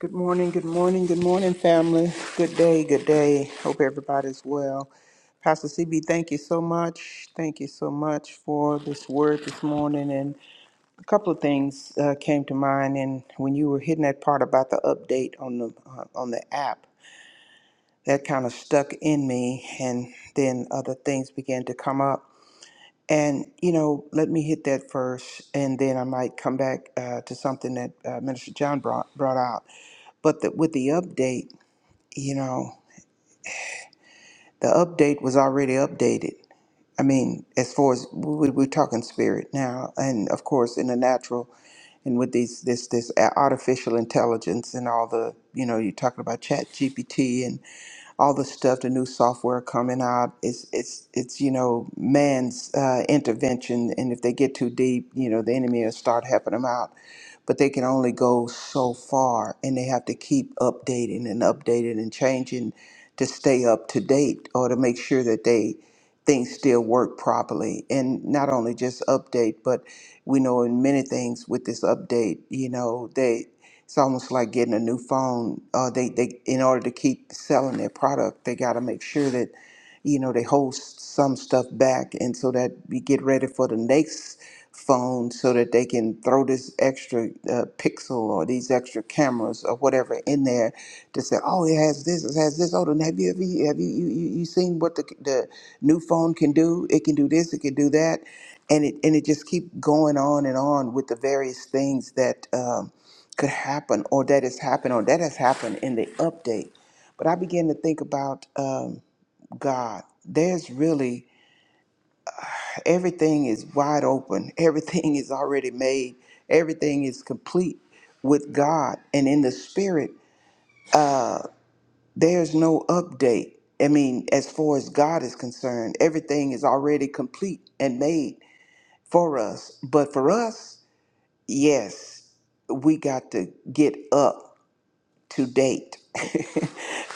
Good morning, good morning, good morning, family. Good day, good day. Hope everybody's well. Pastor CB, thank you so much. Thank you so much for this word this morning. And a couple of things uh, came to mind. And when you were hitting that part about the update on the uh, on the app, that kind of stuck in me. And then other things began to come up. And you know, let me hit that first, and then I might come back uh, to something that uh, Minister John brought brought out But the, with the update, you know, the update was already updated. I mean, as far as we, we're talking spirit now, and of course in the natural, and with these this this artificial intelligence and all the you know you're talking about Chat GPT all the stuff, the new software coming out. It's it's it's you know man's uh, intervention, and if they get too deep, you know the enemy will start helping them out. But they can only go so far, and they have to keep updating and updating and changing to stay up to date or to make sure that they things still work properly. And not only just update, but we know in many things with this update, you know they. It's almost like getting a new phone. Uh, they they in order to keep selling their product, they got to make sure that you know they hold s- some stuff back, and so that we get ready for the next phone, so that they can throw this extra uh, pixel or these extra cameras or whatever in there to say, oh, it has this, it has this. Oh, then have you ever have you you, you you seen what the the new phone can do? It can do this, it can do that, and it and it just keep going on and on with the various things that. Um, could happen or that has happened or that has happened in the update. But I began to think about um, God. There's really everything is wide open, (laughs) everything is already made, everything is complete with God. And in the spirit, uh, there's no update. I mean, as far as God is concerned, everything is already complete and made for us. But for us, yes, we got to get up to date. (laughs)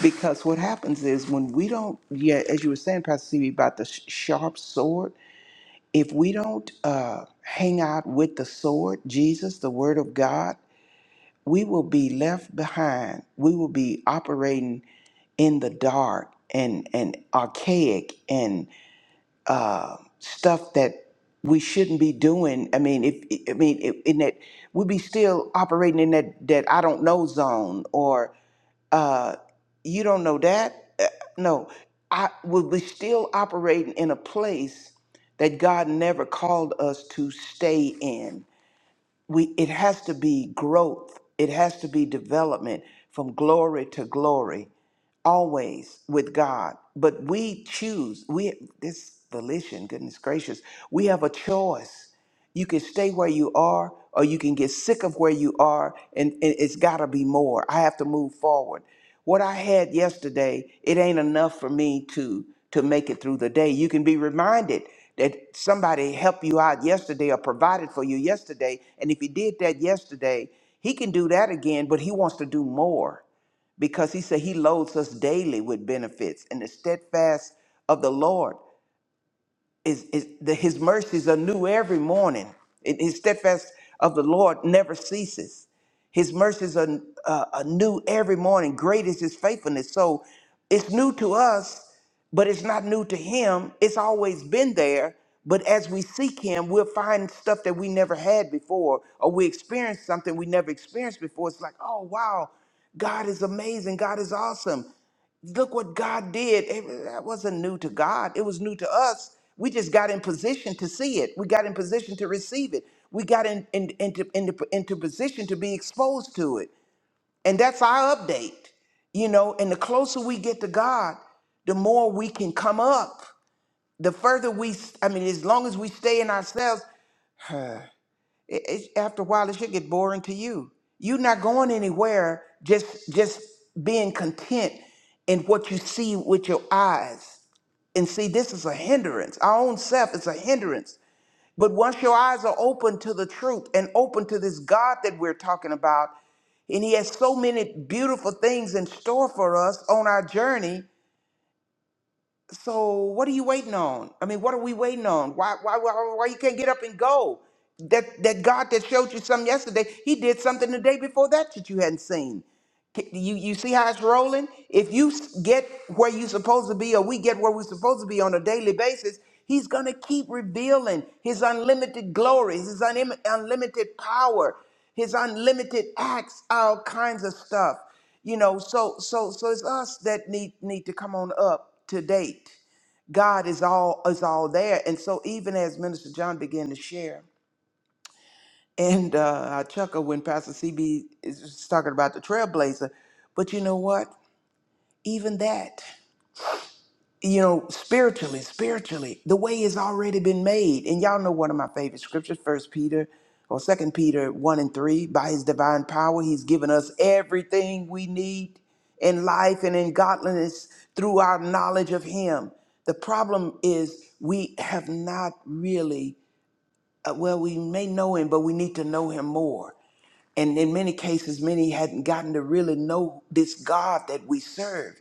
because what happens is when we don't, yeah, as you were saying, Pastor CB, about the sh- sharp sword, if we don't uh, hang out with the sword, Jesus, the Word of God, we will be left behind. We will be operating in the dark and, and archaic and uh, stuff that we shouldn't be doing. I mean, if I mean, in that we'll be still operating in that that I don't know zone or uh, you don't know that. Uh, No, I will be still operating in a place that God never called us to stay in. We it has to be growth. It has to be development from glory to glory always with God, but we choose. We this volition, goodness gracious, we have a choice. You can stay where you are, or you can get sick of where you are, and, and it's got to be more. I have to move forward. What I had yesterday, it ain't enough for me to to make it through the day. You can be reminded that somebody helped you out yesterday or provided for you yesterday, and if he did that yesterday, he can do that again, but he wants to do more because he said he loads us daily with benefits and the steadfast of the Lord is, is the, his mercies are new every morning. It- his steadfast of the Lord never ceases. His mercies are, uh, are new every morning. Great is his faithfulness. So it's new to us, but it's not new to him. It's always been there. But as we seek him, we'll find stuff that we never had before, or we experience something we never experienced before. It's like, oh, wow, God is amazing. God is awesome look what God did. It- that wasn't new to God. It was new to us. We just got in position to see it. We got in position to receive it. We got in, in, into, into, into position to be exposed to it. And that's our update, you know. And the closer we get to God, the more we can come up. The further we, s- I mean, as long as we stay in ourselves, it, it, after a while, it should get boring to you. You're not going anywhere. Just, just being content in what you see with your eyes and see, this is a hindrance. Our own self is a hindrance. But once your eyes are open to the truth and open to this God that we're talking about, and He has so many beautiful things in store for us on our journey, so what are you waiting on? I mean, what are we waiting on? Why why why, why you can't get up and go? That that God that showed you something yesterday, He did something the day before that that you hadn't seen. K- You you see how it's rolling? If you s- get where you're supposed to be, or we get where we're supposed to be on a daily basis, He's gonna keep revealing His unlimited glory, His unim unlimited power, His unlimited acts, all kinds of stuff you know so so so it's us that need need to come on up to date god is all is all there and so even as minister john began to share and uh i chuckle when pastor cb is talking about the trailblazer but you know what even that you know, spiritually, spiritually, the way has already been made. And y'all know one of my favorite scriptures, First Peter or Second Peter one and three. By His divine power, He's given us everything we need in life and in godliness through our knowledge of Him. The problem is we have not really, uh, well, we may know Him, but we need to know Him more. And in many cases, many hadn't gotten to really know this God that we serve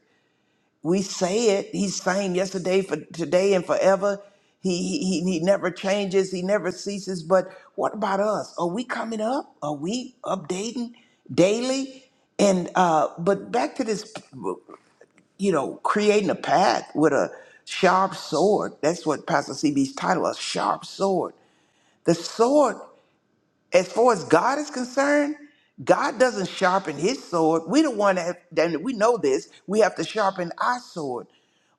we say it. He's same yesterday, for today, and forever. He, he he he never changes. He never ceases. But what about us? Are we coming up? Are we updating daily? And uh, but back to this, you know, creating a path with a sharp sword. That's what Pastor CB's title: a sharp sword. The sword. As far as God is concerned, God doesn't sharpen his sword. We are the one that, that we know this. We have to sharpen our sword.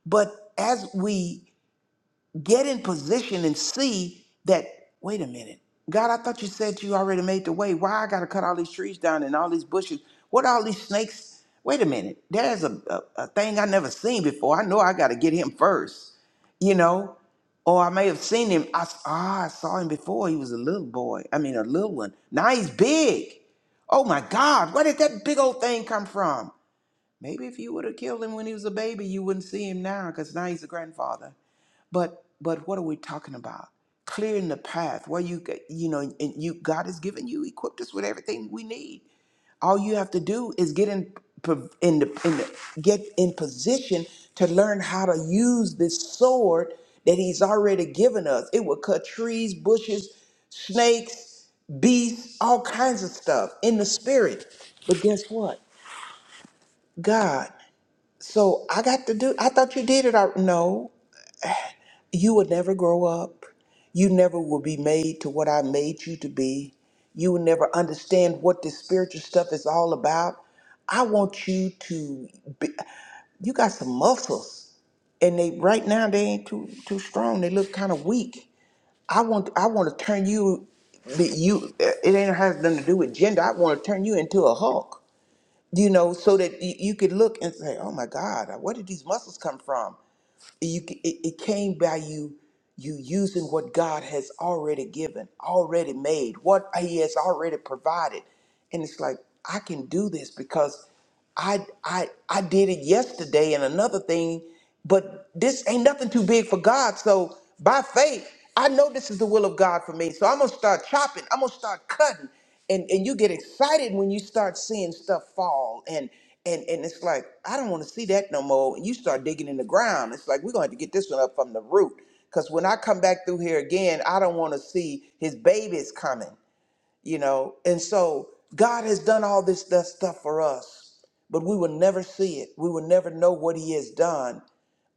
But as we Get in position and see that, wait a minute, God, I thought you said you already made the way. Why I got to cut all these trees down and all these bushes? What are all these snakes? Wait a minute, there's a, a, a thing I never seen before. I know I got to get him first, you know? Or I may have seen him. I, s- ah, I saw him before. He was a little boy. I mean, a little one. Now he's big. Oh my God, where did that big old thing come from? Maybe if you would have killed him when he was a baby, you wouldn't see him now because now he's a grandfather. But but what are we talking about? Clearing the path where you get- you know and you God has given you equipped us with everything we need. All you have to do is get in po- in the, in the get in position to learn how to use this sword that He's already given us. It will cut trees, bushes, snakes, beasts, all kinds of stuff in the spirit. But guess what, God? So I got to do. I thought you did it. al- No, you would never grow up. You never will be made to what I made you to be. You will never understand what this spiritual stuff is all about. I want you to be, you got some muscles and they right now they ain't too too strong. They look kind of weak. I want I want to turn you that you it ain't has nothing to do with gender. I want to turn you into a Hulk you know, so that you, you could look and say, "Oh my God, uh, where did these muscles come from?" You, c- it, it came by you, you using what God has already given, already made, what He has already provided, and it's like I can do this because I, I, I did it yesterday and another thing, but this ain't nothing too big for God. So by faith, I know this is the will of God for me. So I'm gonna start chopping. I'm gonna start cutting and and you get excited when you start seeing stuff fall and and and it's like i don't want to see that no more and you start digging in the ground it's like we're going to have to get this one up from the root because when i come back through here again i don't want to see his babies coming you know and so god has done all this stuff stuff for us but we will never see it we will never know what he has done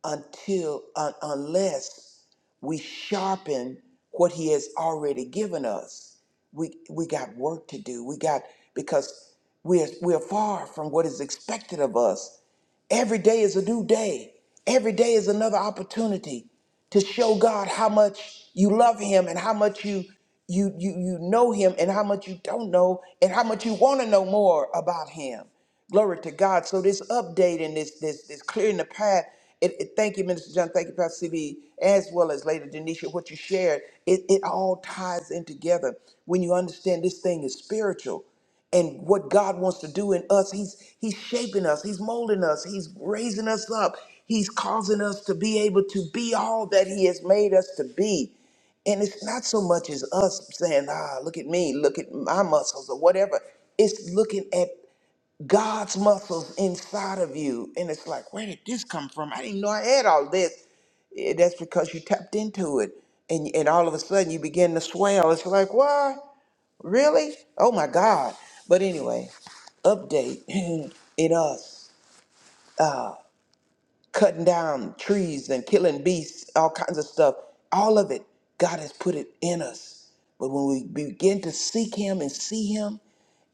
until un- unless we sharpen what he has already given us we we got work to do we got because we're we're far from what is expected of us every day is a new day every day is another opportunity to show god how much you love him and how much you you you you know him and how much you don't know and how much you want to know more about him Glory to God. So this updating, this this this clearing the path. It, it- thank you, Minister John. Thank you, Pastor CB, as well as Lady Denisha. What you shared, it, it all ties in together when you understand this thing is spiritual, and what God wants to do in us. He's He's shaping us. He's molding us. He's raising us up. He's causing us to be able to be all that He has made us to be. And it's not so much as us saying, ah, look at me, look at my muscles or whatever. It's looking at God's muscles inside of you. And it's like, where did this come from? I didn't know I had all this. Eh, That's because you tapped into it. And, and all of a sudden you begin to swell. It's like, why? Really? Oh my God. But anyway, update (clears throat) (laughs) in us cutting down trees and killing beasts, all kinds of stuff. All of it, God has put it in us. But when we begin to seek Him and see Him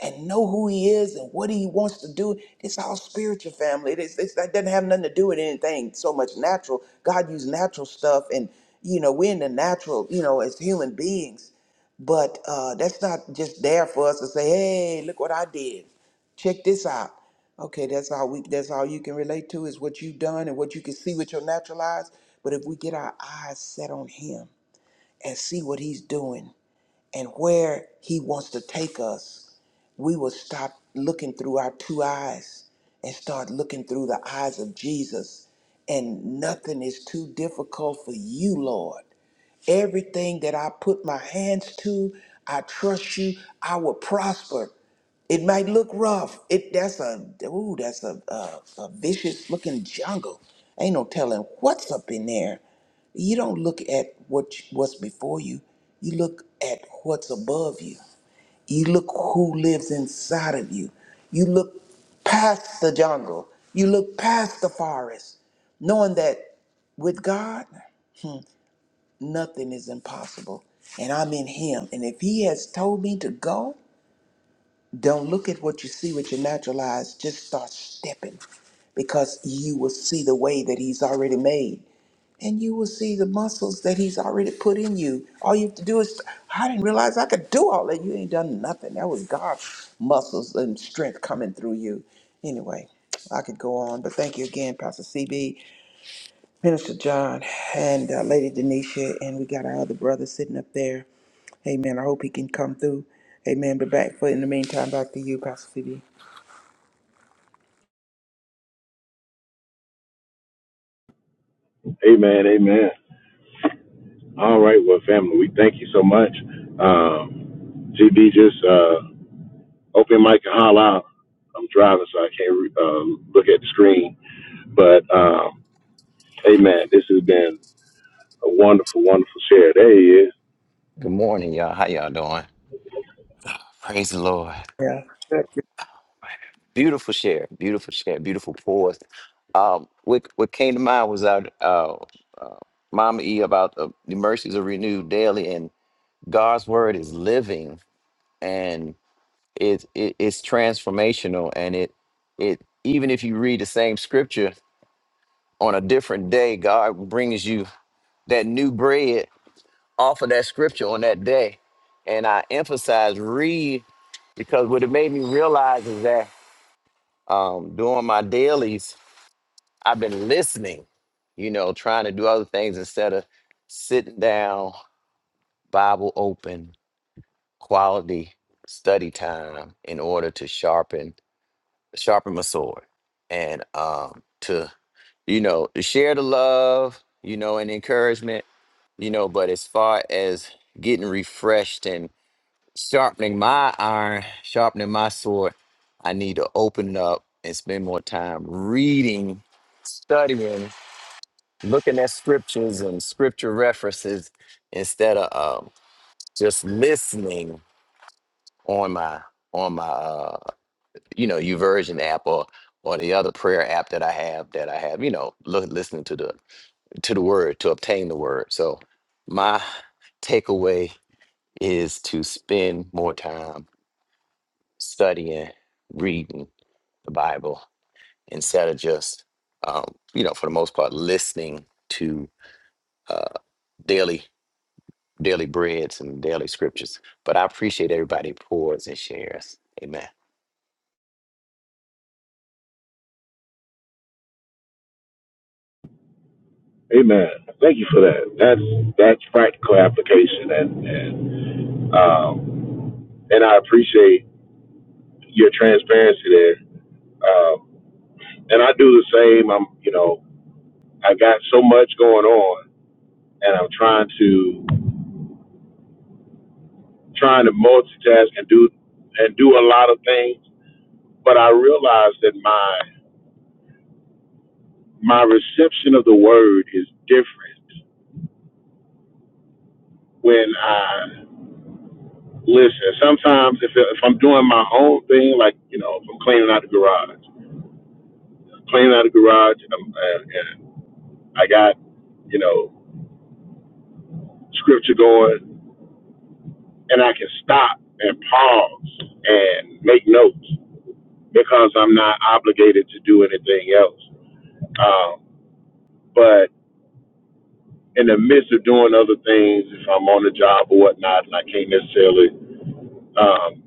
and know who He is and what He wants to do, it's all spiritual family. It is, it's, that doesn't have nothing to do with anything so much natural. God used natural stuff, and you know we're in the natural, you know, as human beings. But uh, that's not just there for us to say, "Hey, look what I did." check this out. Okay, that's all we that's all you can relate to is what you've done and what you can see with your natural eyes. But if we get our eyes set on him and see what he's doing and where he wants to take us, we will stop looking through our two eyes and start looking through the eyes of Jesus. And nothing is too difficult for you, Lord. Everything that I put my hands to, I trust you, I will prosper. It might look rough. It that's a ooh, that's a a, a vicious looking jungle. Ain't no telling what's up in there. You don't look at what you- what's before you. You look at what's above you. You look who lives inside of you. You look past the jungle. You look past the forest, knowing that with God, nothing is impossible. And I'm in Him. And if He has told me to go, don't look at what you see with your natural eyes. Just start stepping because you will see the way that He's already made. And you will see the muscles that He's already put in you. All you have to do is, I didn't realize I could do all that. You ain't done nothing. That was God's muscles and strength coming through you. Anyway, I could go on, but thank you again, Pastor CB. Minister John and uh, Lady Denisha, and we got our other brother sitting up there. Amen. I hope he can come through. Amen. But back for in the meantime, back to you, Pastor Phoebe.
Amen, amen. All right, well, family, we thank you so much. Um, GB, just uh, open mic and holla out. I'm driving, so I can't re- um, look at the screen. But, um, amen, this has been a wonderful, wonderful share. There he is.
Good morning, y'all. How y'all doing? Praise the Lord.
Yeah. Thank you.
Beautiful share. Beautiful share. Beautiful pause. Um, what what came to mind was our uh, Mama E about the, the mercies are renewed daily, and God's word is living, and it, it it's transformational, and it it even if you read the same scripture on a different day, God brings you that new bread off of that scripture on that day, and I emphasize read because what it made me realize is that um, doing my dailies, I've been listening, you know, trying to do other things instead of sitting down, Bible open, quality study time in order to sharpen sharpen my sword and um, to you know to share the love, you know, and encouragement, you know. But as far as getting refreshed and sharpening my iron, sharpening my sword, I need to open up and spend more time reading, studying, looking at scriptures and scripture references instead of um, just listening on my on my uh, you know Uversion app or or the other prayer app that I have that I have you know look, listening to the to the word to obtain the word. So my takeaway is to spend more time studying, reading the Bible instead of just, um, you know, for the most part, listening to uh, daily daily breads and daily scriptures. But I appreciate everybody who pours and shares. Amen.
Amen. Thank you for that. That's that's practical application, and and um, and I appreciate your transparency there. Um, and I do the same. I'm, you know, I got so much going on and I'm trying to trying to multitask and do and do a lot of things. But I realize that my my reception of the word is different when I listen. Sometimes if if I'm doing my own thing, like you know, if I'm cleaning out the garage, cleaning out the garage, and, I'm, and, and I got you know scripture going, and I can stop and pause and make notes because I'm not obligated to do anything else. Um, but in the midst of doing other things, if I'm on the job or whatnot, and I can't necessarily, um,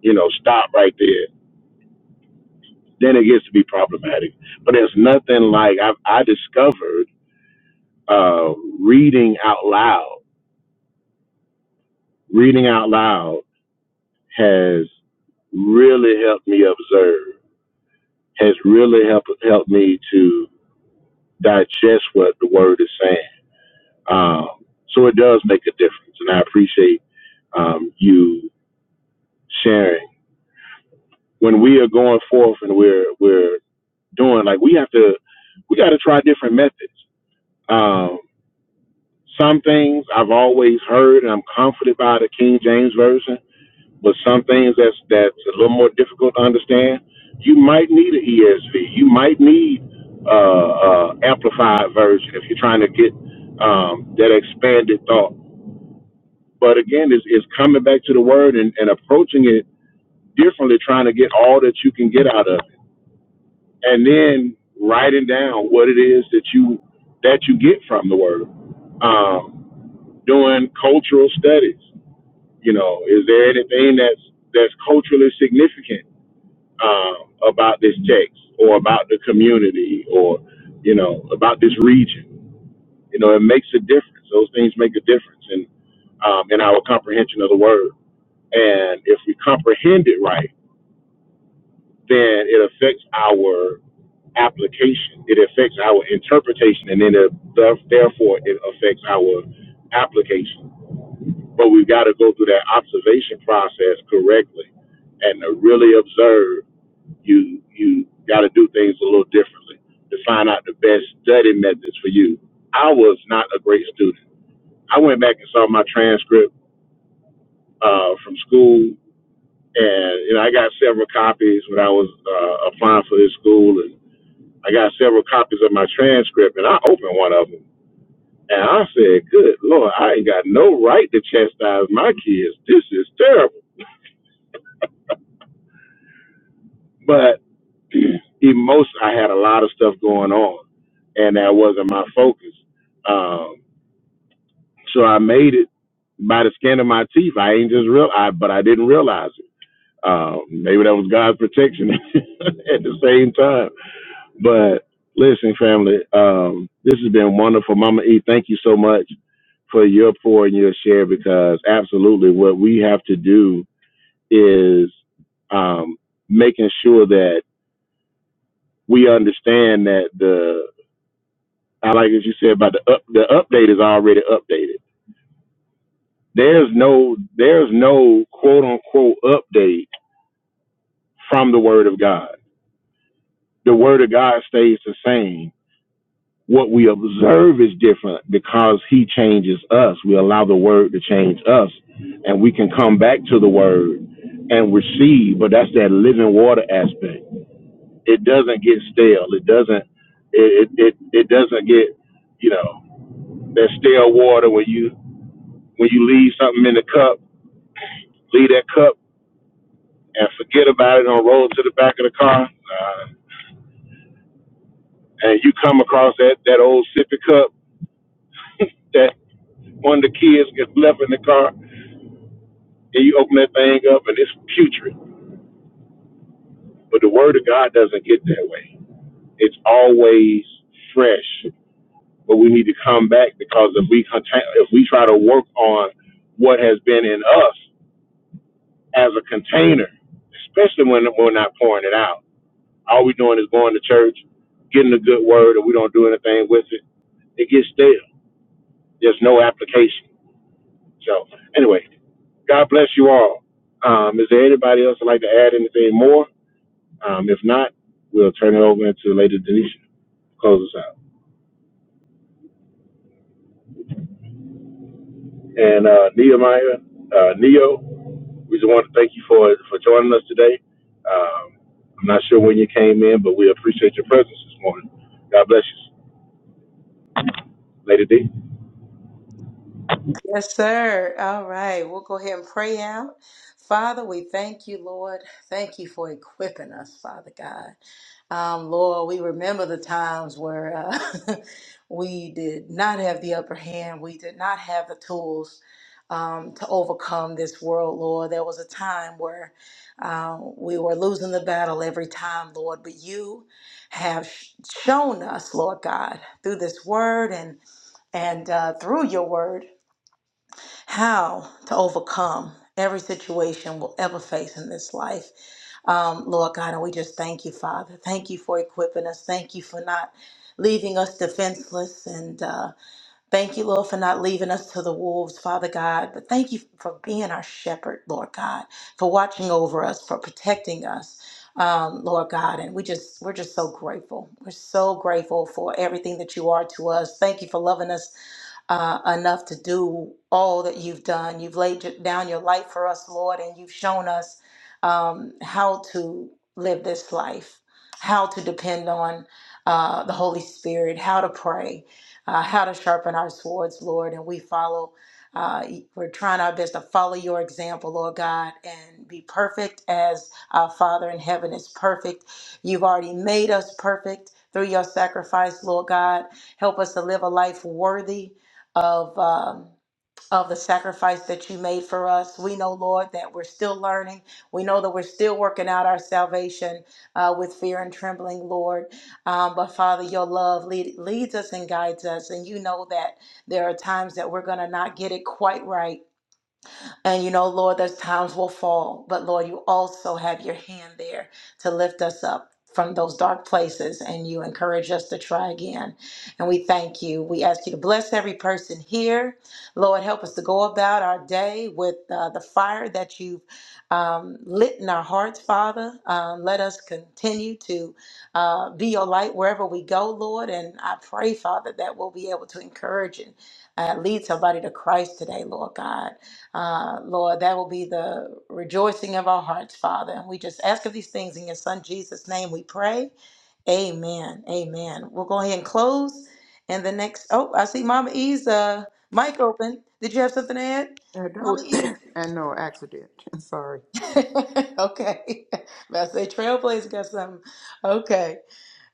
you know, stop right there, then it gets to be problematic. But there's nothing like I, I discovered uh, reading out loud. Reading out loud has really helped me observe, has really helped helped me to digest what the word is saying. Um, so it does make a difference, and I appreciate um, you sharing when we are going forth and we're we're doing like we have to we got to try different methods. Um, some things I've always heard and I'm comforted by the King James version, but some things that's that's a little more difficult to understand. You might need an ESV. You might need uh, uh, amplified version if you're trying to get um, that expanded thought. But again, it's, it's coming back to the word and, and approaching it differently, trying to get all that you can get out of. and then writing down what it is that you that you get from the word. Um, doing cultural studies, you know, is there anything that's that's culturally significant um, about this text or about the community or you know about this region? You know, it makes a difference. Those things make a difference in um, in our comprehension of the word. And if we comprehend it right, then it affects our application. It affects our interpretation, and then it, therefore it affects our application. But we've got to go through that observation process correctly and to really observe. You you got to do things a little differently to find out the best study methods for you. I was not a great student. I went back and saw my transcript uh, from school, and you know I got several copies when I was uh, applying for this school, and. I got several copies of my transcript, and I opened one of them, and I said, "Good Lord, I ain't got no right to chastise my kids. This is terrible." But (clears throat) most I had a lot of stuff going on, and that wasn't my focus. Um, so I made it by the skin of my teeth. I ain't just real, I but I didn't realize it. Um, maybe that was God's protection (laughs) at the same time But listen, family, um, this has been wonderful. Mama E, thank you so much for your pour and your share because absolutely what we have to do is um, making sure that we understand that the I like as you said about the up, the update is already updated. There's no there's no quote unquote update from the Word of God. The Word of God stays the same what we observe is different because he changes us. We allow the word to change us and we can come back to the word and receive, but that's that living water aspect. It doesn't get stale. It doesn't it it it, it doesn't get, you know, that stale water when you when you leave something in the cup, leave that cup and forget about it on roll to the back of the car. Uh, and you come across that that old sippy cup that one of the kids gets left in the car and you open that thing up and it's putrid. But the word of God doesn't get that way. It's always fresh. But we need to come back because if we contain, if we try to work on what has been in us as a container, especially when we're not pouring it out, all we're doing is going to church, getting a good word, and we don't do anything with it. It gets stale. There's no application. So anyway, God bless you all. Um, is there anybody else that would like to add anything more? Um, if not, we'll turn it over to Lady Denisha to close us out. And uh, Nehemiah, uh, Neo, we just want to thank you for for joining us today. Um, I'm not sure when you came in, but we appreciate your presence this morning. God bless you, Lady D.
Yes, sir. All right. We'll go ahead and pray out. Father, we thank you, Lord. Thank you for equipping us, Father God. Um, Lord, we remember the times where uh, (laughs) we did not have the upper hand. We did not have the tools um, to overcome this world, Lord. There was a time where uh, we were losing the battle every time, Lord. But you have sh- shown us, Lord God, through this word and and uh, through your word how to overcome every situation we'll ever face in this life. Um, Lord God, and we just thank you, Father. Thank you for equipping us. Thank you for not leaving us defenseless and. uh, Thank you, Lord, for not leaving us to the wolves, Father God. But thank you for being our shepherd, Lord God, for watching over us, for protecting us, um, Lord God. And we just we're just so grateful. We're so grateful for everything that you are to us. Thank you for loving us uh, enough to do all that you've done. You've laid your- down your life for us, Lord, and you've shown us um, how to live this life, how to depend on uh, the Holy Spirit, how to pray uh, how to sharpen our swords, Lord. And we follow, uh, we're trying our best to follow your example, Lord God, and be perfect as our Father in heaven is perfect. You've already made us perfect through your sacrifice, Lord God. Help us to live a life worthy of. Um, of the sacrifice that you made for us. We know, Lord, that we're still learning. We know that we're still working out our salvation uh, with fear and trembling, Lord. Um, but Father, your love lead, leads us and guides us. And you know that there are times that we're going to not get it quite right. And you know, Lord, there's times we'll fall, but Lord, you also have your hand there to lift us up from those dark places and you encourage us to try again. And we thank you. We ask you to bless every person here. Lord, help us to go about our day with uh, the fire that you've um, lit in our hearts, Father. Um, let us continue to uh, be your light wherever we go, Lord. And I pray, Father, that we'll be able to encourage and uh, lead somebody to Christ today, Lord God. Uh, Lord, that will be the rejoicing of our hearts, Father. And we just ask of these things in your Son Jesus' name we pray. Amen. Amen. We'll go ahead and close. And the next, oh, I see Mama E's uh, mic open. Did you have something to add,
Uh, that
Mama
was,
E?
(clears throat) I know, accident. (laughs) Sorry.
(laughs) okay. (laughs) I say Trailblaze got something. Okay.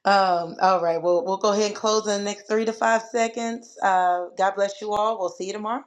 Um, all right. Well, we'll go ahead and close in the next three to five seconds. Uh, God bless you all. We'll see you tomorrow.